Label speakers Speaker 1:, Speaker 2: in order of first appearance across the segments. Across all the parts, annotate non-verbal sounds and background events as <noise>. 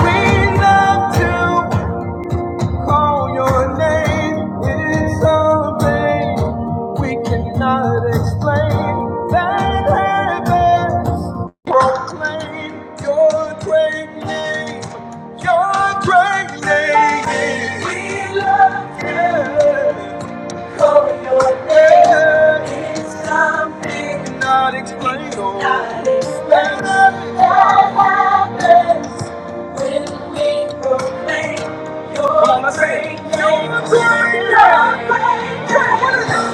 Speaker 1: We love to call your name. It's something we cannot explain. That heavens proclaim your great name. Your great name. We love you. Your something not explainable. oh. Cannot explain. That happens when we proclaim your Come on, let's sing it. great Your name. great name. What is it?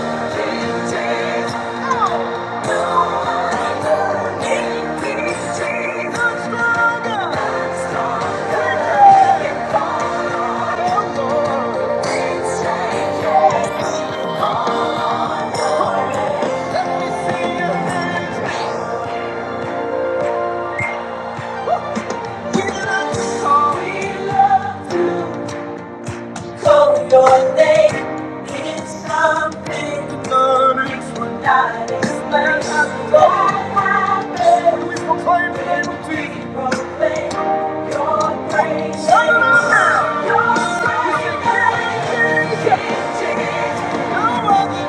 Speaker 1: Jesus. Oh. Your name is We love We love Cold your name means something good. It's what God explains. What We proclaim the name of Jesus. We proclaim your praise. Shout it out now. Your praise is Jesus. No other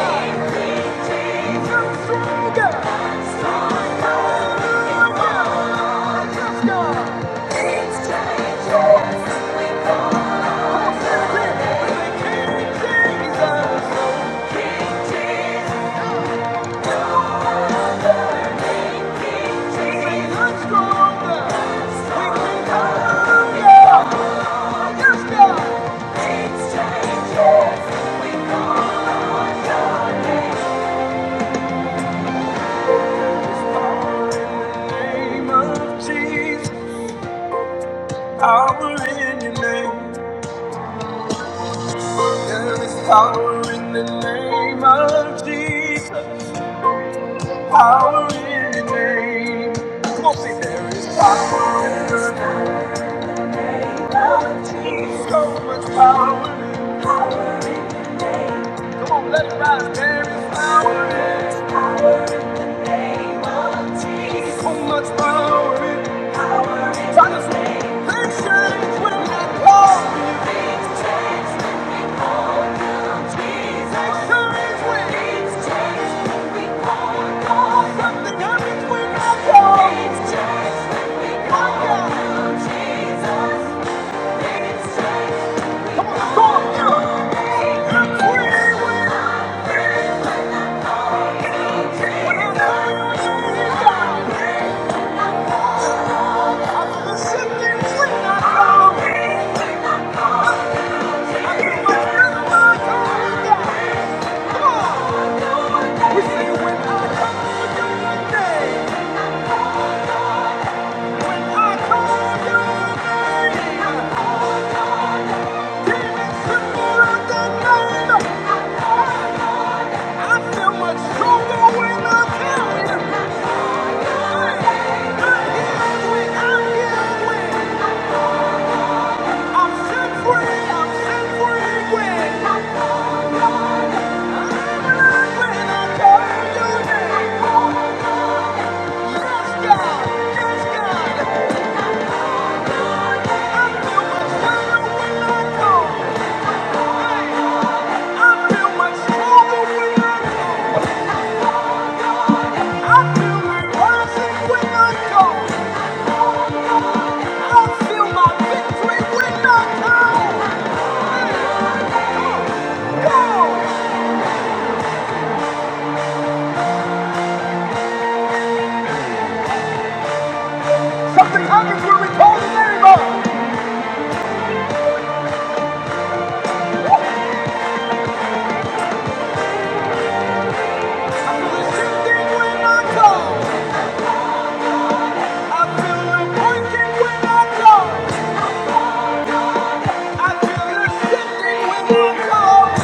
Speaker 1: name. Jesus. Come stronger. Stronger. Let's go. Stronger. Name of Jesus, power in your name. There is power in the name of Jesus. Power in your name. Come on, say there is power. in the. name. So much power. in Power in the name. Come on, let it rise. There is power. in power in the name of Jesus. So much power. in- Power in So the name. Things change when we call you. Things change when we call you Jesus. Things change when- Things change when we call God. Something happens when I call. Things change when we call you Jesus. Come on, go on, do it. Yes, God. Yes, I feel much better when I go. Something happens when we call the I feel the sinking when I go. I feel the breaking when I come. I feel the sinking when I come.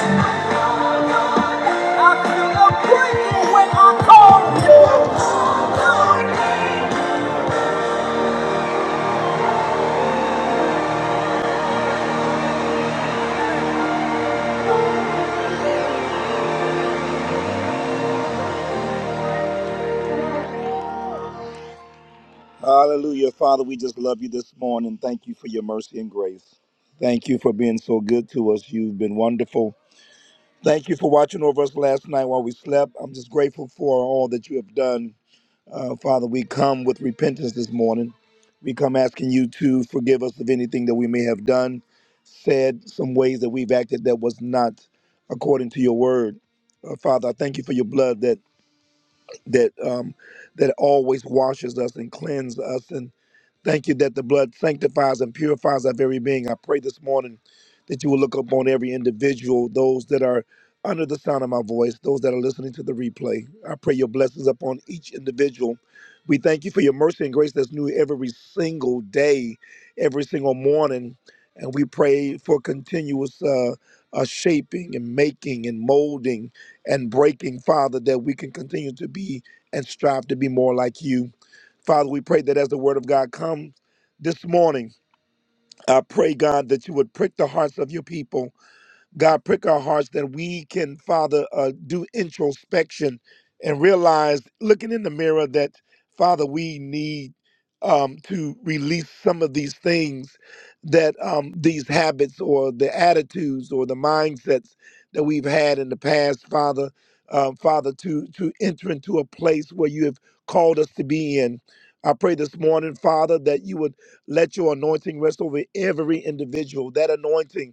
Speaker 1: Hallelujah. Father, we just love you this morning. Thank you for your mercy and grace. Thank you for being so good to us. You've been wonderful. Thank you for watching over us last night while we slept. I'm just grateful for all that you have done Uh, Father, we come with repentance this morning. We come asking you to forgive us of anything that we may have done, said, some ways that we've acted that was not according to your word. Uh, Father, I thank you for your blood that that um, that always washes us and cleanses us. And thank you that the blood sanctifies and purifies our very being. I pray this morning that you will look upon every individual, those that are under the sound of my voice, those that are listening to the replay. I pray your blessings upon each individual. We thank you for your mercy and grace that's new every single day, every single morning. And we pray for continuous uh, uh, shaping and making and molding and breaking, Father, that we can continue to be and strive to be more like you. Father, we pray that as the word of God comes this morning, I pray, God, that you would prick the hearts of your people God, prick our hearts that we can, Father, uh, do introspection and realize, looking in the mirror, that, Father, we need um, to release some of these things that um, these habits or the attitudes or the mindsets that we've had in the past, Father. Um, Father, to to enter into a place where you have called us to be in. I pray this morning, Father, that you would let your anointing rest over every individual. That anointing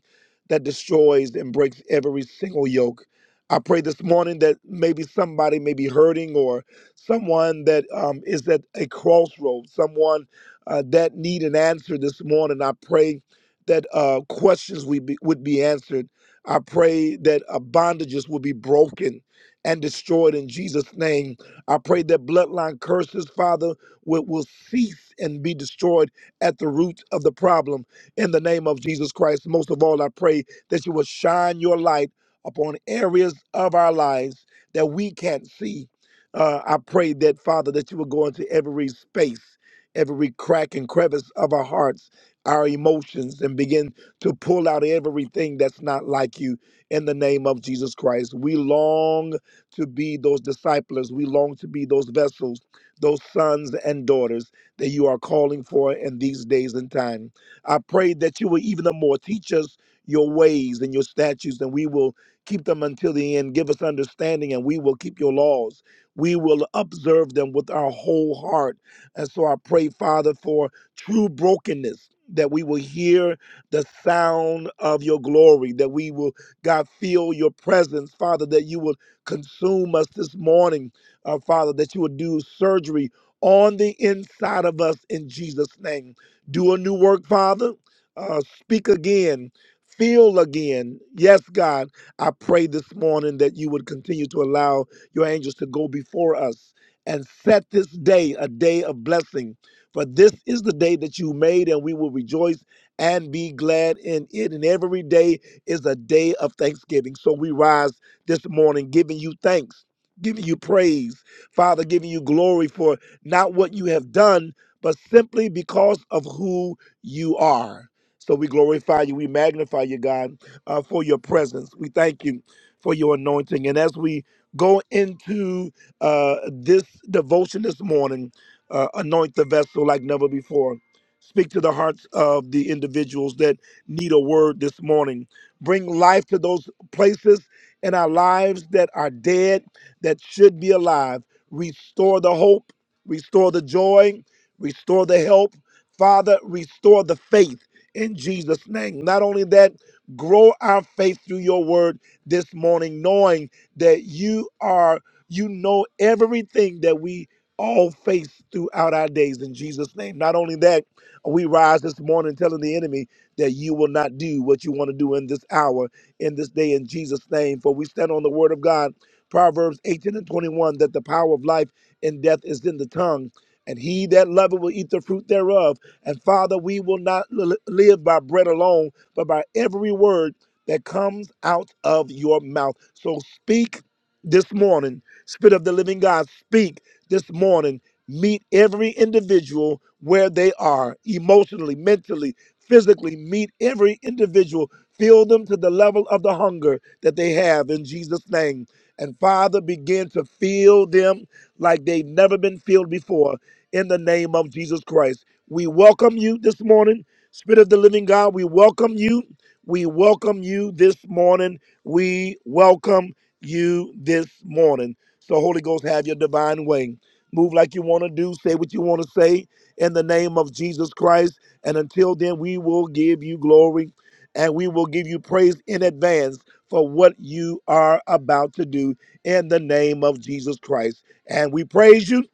Speaker 1: that destroys and breaks every single yoke. I pray this morning that maybe somebody may be hurting or someone that um, is at a crossroads, someone uh, that need an answer this morning. I pray that uh, questions we be, would be answered. I pray that uh, bondages would be broken and destroyed in Jesus' name. I pray that bloodline curses, Father, will, will cease and be destroyed at the root of the problem in the name of Jesus Christ. Most of all, I pray that you will shine your light upon areas of our lives that we can't see. Uh, I pray that, Father, that you will go into every space, every crack and crevice of our hearts, our emotions, and begin to pull out everything that's not like you in the name of Jesus Christ. We long to be those disciples, we long to be those vessels, those sons and daughters that you are calling for in these days and time. I pray that you will even the more teach us your ways and your statutes, and we will keep them until the end. Give us understanding, and we will keep your laws. We will observe them with our whole heart. And so I pray, Father, for true brokenness, that we will hear the sound of your glory, that we will, God, feel your presence, Father, that you will consume us this morning, uh, Father, that you will do surgery on the inside of us in Jesus' name. Do a new work, Father. Uh, speak again. Feel again. Yes, God. I pray this morning that you would continue to allow your angels to go before us and set this day a day of blessing. For this is the day that you made, and we will rejoice and be glad in it. And every day is a day of thanksgiving. So we rise this morning giving you thanks, giving you praise, Father, giving you glory for not what you have done but simply because of who you are. So we glorify you, we magnify you, God, uh, for your presence. We thank you for your anointing. And as we go into uh, this devotion this morning, uh, anoint the vessel like never before. Speak to the hearts of the individuals that need a word this morning. Bring life to those places in our lives that are dead, that should be alive. Restore the hope, restore the joy, Restore the help. Father, restore the faith in Jesus' name. Not only that, grow our faith through your word this morning, knowing that you are, you know everything that we all face throughout our days in Jesus' name. Not only that, we rise this morning telling the enemy that you will not do what you want to do in this hour, in this day, in Jesus' name. For we stand on the word of God, Proverbs 18 and 21, that the power of life and death is in the tongue and he that loveth will eat the fruit thereof. And Father, we will not li- live by bread alone, but by every word that comes out of your mouth. So speak this morning, Spirit of the living God, speak this morning. Meet every individual where they are, emotionally, mentally, physically. Meet every individual. Fill them to the level of the hunger that they have in Jesus' name. And Father, begin to fill them like they've never been filled before in the name of Jesus Christ. We welcome you this morning, Spirit of the Living God. We welcome you. We welcome you this morning. We welcome you this morning. So, Holy Ghost, have your divine way. Move like you want to do, say what you want to say in the name of Jesus Christ. And until then, we will give you glory and we will give you praise in advance for what you are about to do in the name of Jesus Christ. And we praise you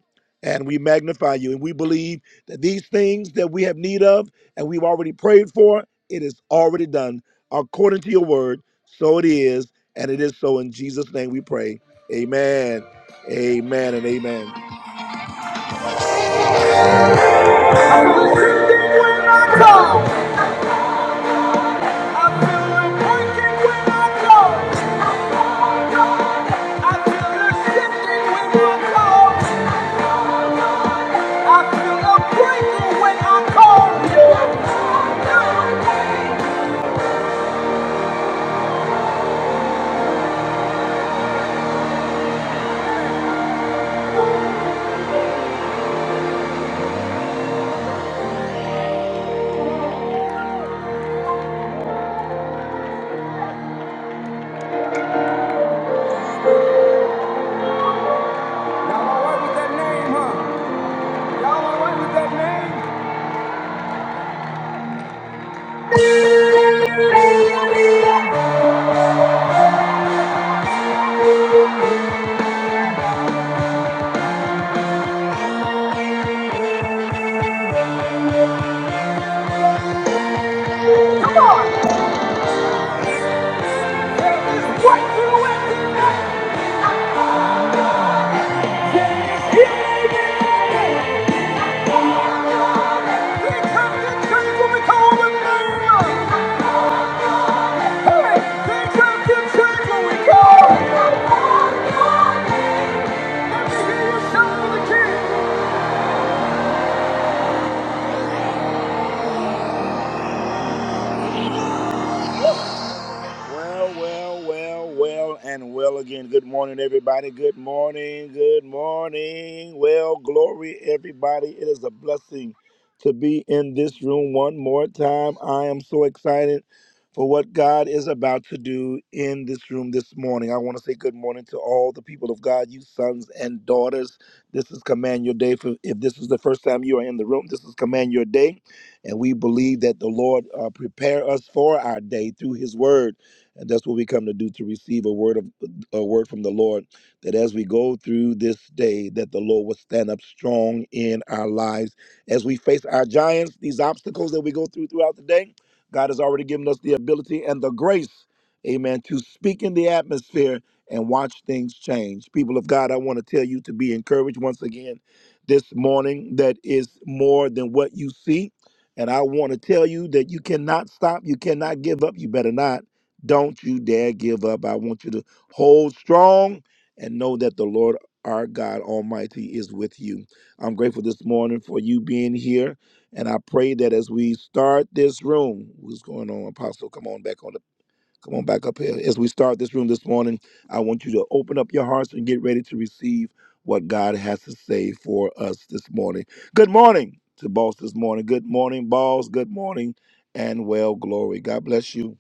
Speaker 1: and we magnify you. And we believe that these things that we have need of and we've already prayed for, it is already done according to your word. So it is, and it is so. In Jesus' name we pray. Amen. Amen and amen. I feel a breaking when I call you. Y'all all right with that name, huh? Y'all all right with that name? Come on! There is what you want this name. He made it. He comes to change what we call him a name. huh? Hey, he comes to change what we call. him a name. Let me hear you shout for the king. Well, well, well, well, and well again. Good morning, everybody. Good morning. Good morning. Well, glory, everybody. It is a blessing to be in this room one more time. I am so excited for what God is about to do in this room this morning. I want to say good morning to all the people of God, you sons and daughters. This is Command Your Day. For if this is the first time you are in the room, this is Command Your Day, and we believe that the Lord uh, prepare us for our day through His Word and that's what we come to do to receive a word of a word from the lord that as we go through this day that the lord will stand up strong in our lives as we face our giants these obstacles that we go through throughout the day god has already given us the ability and the grace amen to speak in the atmosphere and watch things change people of god i want to tell you to be encouraged once again this morning that is more than what you see and I want to tell you that you cannot stop. You cannot give up. You better not. Don't you dare give up. I want you to hold strong and know that the Lord our God Almighty is with you. I'm grateful this morning for you being here. And I pray that as we start this room, what's going on, Apostle? Come on back on the come on back up here. As we start this room this morning, I want you to open up your hearts and get ready to receive what God has to say for us this morning. Good morning to boss this morning. Good morning, balls. Good morning and well glory. God bless you.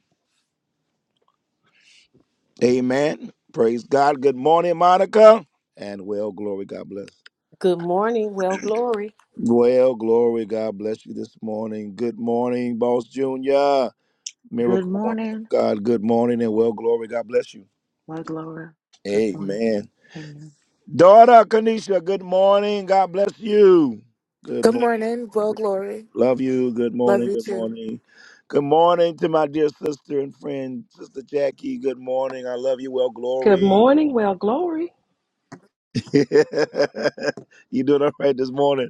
Speaker 1: Amen. Praise God. Good morning, Monica. And well, glory, God bless.
Speaker 2: Good morning. Well, glory.
Speaker 1: Well, glory, God bless you this morning. Good morning, Boss Junior,
Speaker 3: Good
Speaker 1: Miracle Woman of
Speaker 3: morning,
Speaker 1: God. Good morning, and well, glory, God bless you.
Speaker 3: my glory. Good morning.
Speaker 1: Amen.
Speaker 3: Amen.
Speaker 1: Daughter Kanisha, good morning. God bless you. Good
Speaker 4: Good
Speaker 1: morning.
Speaker 4: morning. Well, Glory.
Speaker 1: Love you. Good
Speaker 4: Love
Speaker 1: morning.
Speaker 4: you
Speaker 1: Good
Speaker 4: too.
Speaker 1: morning. Good morning to my dear sister and friend, Sister Jackie. Good morning. I love you. Well,
Speaker 5: Good
Speaker 1: glory.
Speaker 5: morning, well, glory,
Speaker 1: <laughs> you doing all right this morning?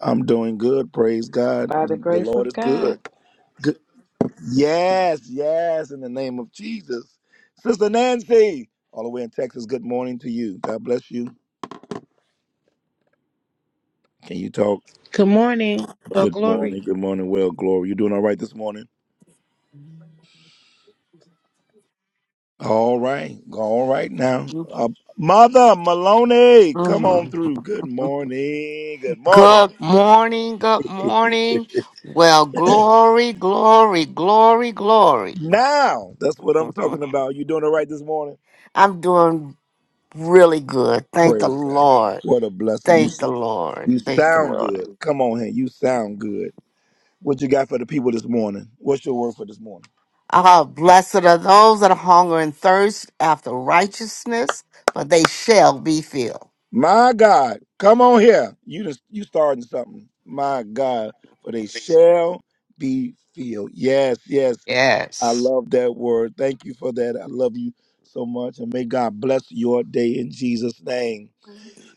Speaker 1: I'm doing good. Praise God.
Speaker 5: by the
Speaker 1: The
Speaker 5: grace
Speaker 1: Lord
Speaker 5: of
Speaker 1: is
Speaker 5: God.
Speaker 1: good. good. Yes, yes, in the name of Jesus. Sister Nancy, all the way in Texas, good morning to you. God bless you. Can you talk?
Speaker 6: Good morning. Well,
Speaker 1: Good
Speaker 6: glory.
Speaker 1: morning. Good morning. Well, Glory, you doing all right this morning? All right. All right now. Uh, Mother Maloney, come on
Speaker 7: Mhm.
Speaker 1: through. Good morning. Good morning.
Speaker 7: Good morning, good morning. Well, glory, glory, glory, glory.
Speaker 1: Now, that's what I'm talking about. You doing all right this morning?
Speaker 7: I'm doing really good. Thank the
Speaker 1: Praise God.
Speaker 7: Lord.
Speaker 1: What a blessing. You
Speaker 7: Thank the Lord.
Speaker 1: you
Speaker 7: Thank the
Speaker 1: sound good.
Speaker 7: Lord.
Speaker 1: Come on here. You sound good. What you got for the people this morning? What's your word for this morning?
Speaker 7: Ah, blessed are those that hunger and thirst after righteousness, for they shall be filled.
Speaker 1: My God. Come on here. You just you starting something. My God. For they shall be filled. Yes, yes. I
Speaker 7: Yes.
Speaker 1: love that word. Thank you for that. I love you so much. And may God bless your day in Jesus' name.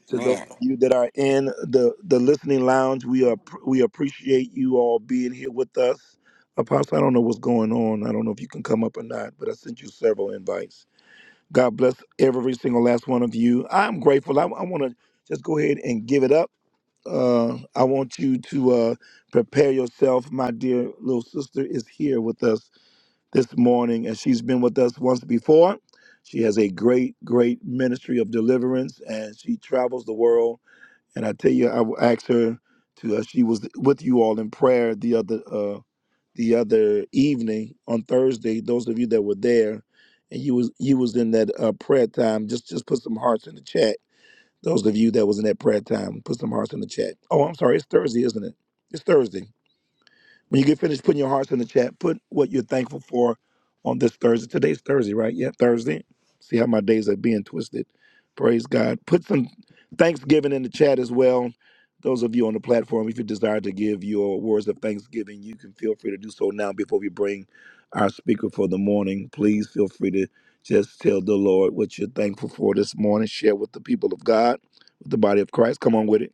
Speaker 1: to those of
Speaker 7: Man.
Speaker 1: you that are in the the listening lounge we are we appreciate you all being here with us apostle i don't know what's going on i don't know if you can come up or not but i sent you several invites god bless every single last one of you i'm grateful i, I want to just go ahead and give it up uh, I want you to uh, prepare yourself. My dear little sister is here with us this morning, and she's been with us once before. She has a great, great ministry of deliverance, and she travels the world and I tell you, I will ask her to. Uh, she was with you all in prayer the other uh, the other evening on Thursday. Those of you that were there, and you was you was in that uh, prayer time. Just just put some hearts in the chat. Those of you that was in that prayer time, put some hearts in the chat. Oh, I'm sorry, it's Thursday, isn't it? It's Thursday. When you get finished putting your hearts in the chat, put what you're thankful for on this Thursday. Today's Thursday, right? Yeah, Thursday. See how my days are being twisted. Praise God. Put some thanksgiving in the chat as well. Those of you on the platform, if you desire to give your words of thanksgiving, you can feel free to do so now before we bring our speaker for the morning. Please feel free to just tell the Lord what you're thankful for this morning. Share with the people of God, with the body of Christ. Come on with it.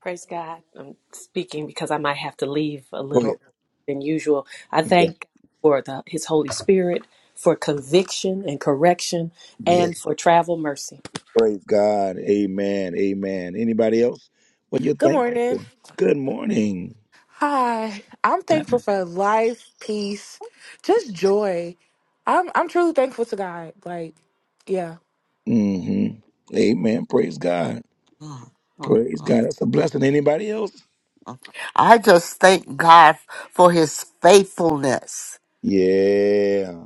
Speaker 2: Praise God. I'm speaking because I might have to leave a
Speaker 1: Go
Speaker 2: little than usual. I
Speaker 1: ahead.
Speaker 2: thank God for the His Holy Spirit, for conviction and correction,
Speaker 1: Yeah.
Speaker 2: and for travel mercy.
Speaker 1: Praise God. Amen. Amen. Anybody else? What you're
Speaker 4: Good
Speaker 1: thankful for?
Speaker 4: morning.
Speaker 1: Good morning.
Speaker 4: Hi. I'm thankful for life, peace, just joy. I'm I'm truly thankful to God. Like, yeah.
Speaker 1: hmm Amen. Praise God.
Speaker 7: Mhm.
Speaker 1: Praise God. That's a blessing. Anybody else?
Speaker 7: I just thank God for his faithfulness.
Speaker 1: Yeah.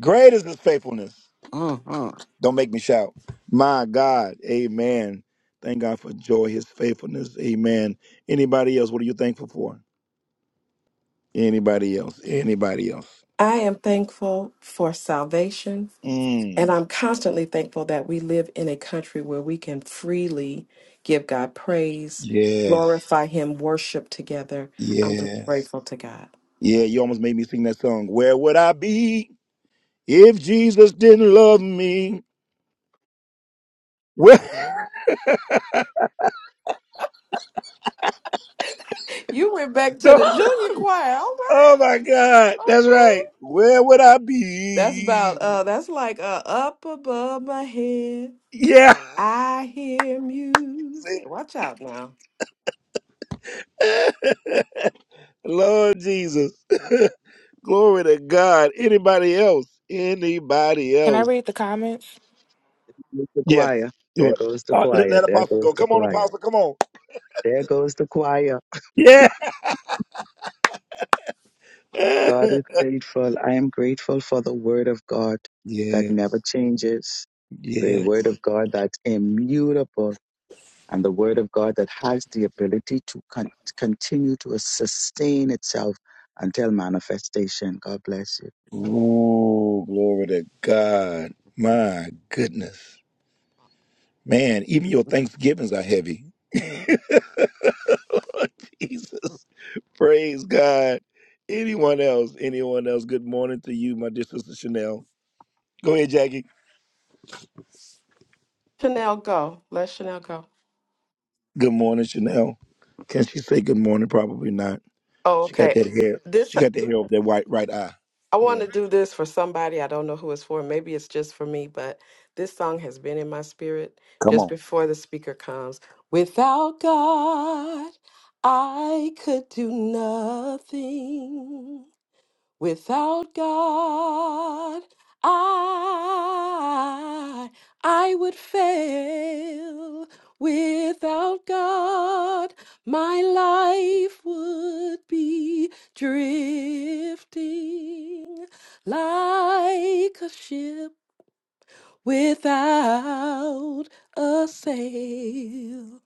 Speaker 1: Great is his faithfulness.
Speaker 7: hmm
Speaker 1: Don't make me shout. My God. Amen. Thank God for joy, his faithfulness. Amen. Anybody else? What are you thankful for? Anybody else? Anybody else?
Speaker 5: I am thankful for salvation, and
Speaker 1: Mm.
Speaker 5: I'm constantly thankful that we live in a country where we can freely give God praise,
Speaker 1: Yes.
Speaker 5: glorify Him, worship together. I'm just
Speaker 1: Yes.
Speaker 5: grateful to God.
Speaker 1: Yeah, you almost made me sing that song. Where would I be if Jesus didn't love me? Where,
Speaker 5: You went back
Speaker 1: <laughs>
Speaker 5: to
Speaker 1: no,
Speaker 5: the junior choir, all right?
Speaker 1: oh my God, that's right.
Speaker 5: Okay.
Speaker 1: Where would I
Speaker 5: That's about
Speaker 1: be?
Speaker 5: uh that's like uh up above my head.
Speaker 1: Yeah,
Speaker 5: I hear
Speaker 1: <laughs> see,
Speaker 5: music. Watch out now.
Speaker 1: <laughs> Lord Jesus, <laughs> glory to God. Anybody else? Anybody
Speaker 4: Can I
Speaker 1: else?
Speaker 4: read the comments?
Speaker 8: goes the
Speaker 1: Yes.
Speaker 8: choir.
Speaker 1: You
Speaker 8: There
Speaker 1: want-
Speaker 8: goes the
Speaker 1: Uh, let,
Speaker 8: choir.
Speaker 1: let
Speaker 8: There
Speaker 1: Apostle go.
Speaker 8: goes the
Speaker 1: Come on,
Speaker 8: choir.
Speaker 1: Apostle. Come on.
Speaker 8: There goes the choir.
Speaker 1: Yeah.
Speaker 8: God
Speaker 1: <laughs>
Speaker 8: is faithful. I am grateful for the word of God that
Speaker 1: yeah.
Speaker 8: never changes, the
Speaker 1: Yeah.
Speaker 8: word of God that's immutable, and the word of God that has the ability to con- continue to sustain itself until manifestation. God bless you.
Speaker 1: Ooh, glory to God. My goodness. Man, even your Thanksgivings are heavy. <laughs> Jesus. Praise God. Anyone else? Anyone else? Good morning to you, my dear sister Chanel. Go ahead, Jackie.
Speaker 5: Chanel go. Let Chanel go.
Speaker 1: Good morning, Chanel. Can she say good morning? Probably not.
Speaker 5: Oh,
Speaker 1: She got
Speaker 5: okay.
Speaker 1: that hair.
Speaker 5: This
Speaker 1: She got that hair over that white right eye.
Speaker 5: I want
Speaker 1: Yeah.
Speaker 5: to do this for somebody. I don't know who it's for. Maybe it's just for me, but this song has been in my spirit
Speaker 1: Come
Speaker 5: just
Speaker 1: on.
Speaker 5: before the speaker comes. Without God, I could do nothing. Without God, I I would fail. Without God, my life would be drifting like a ship without a sail.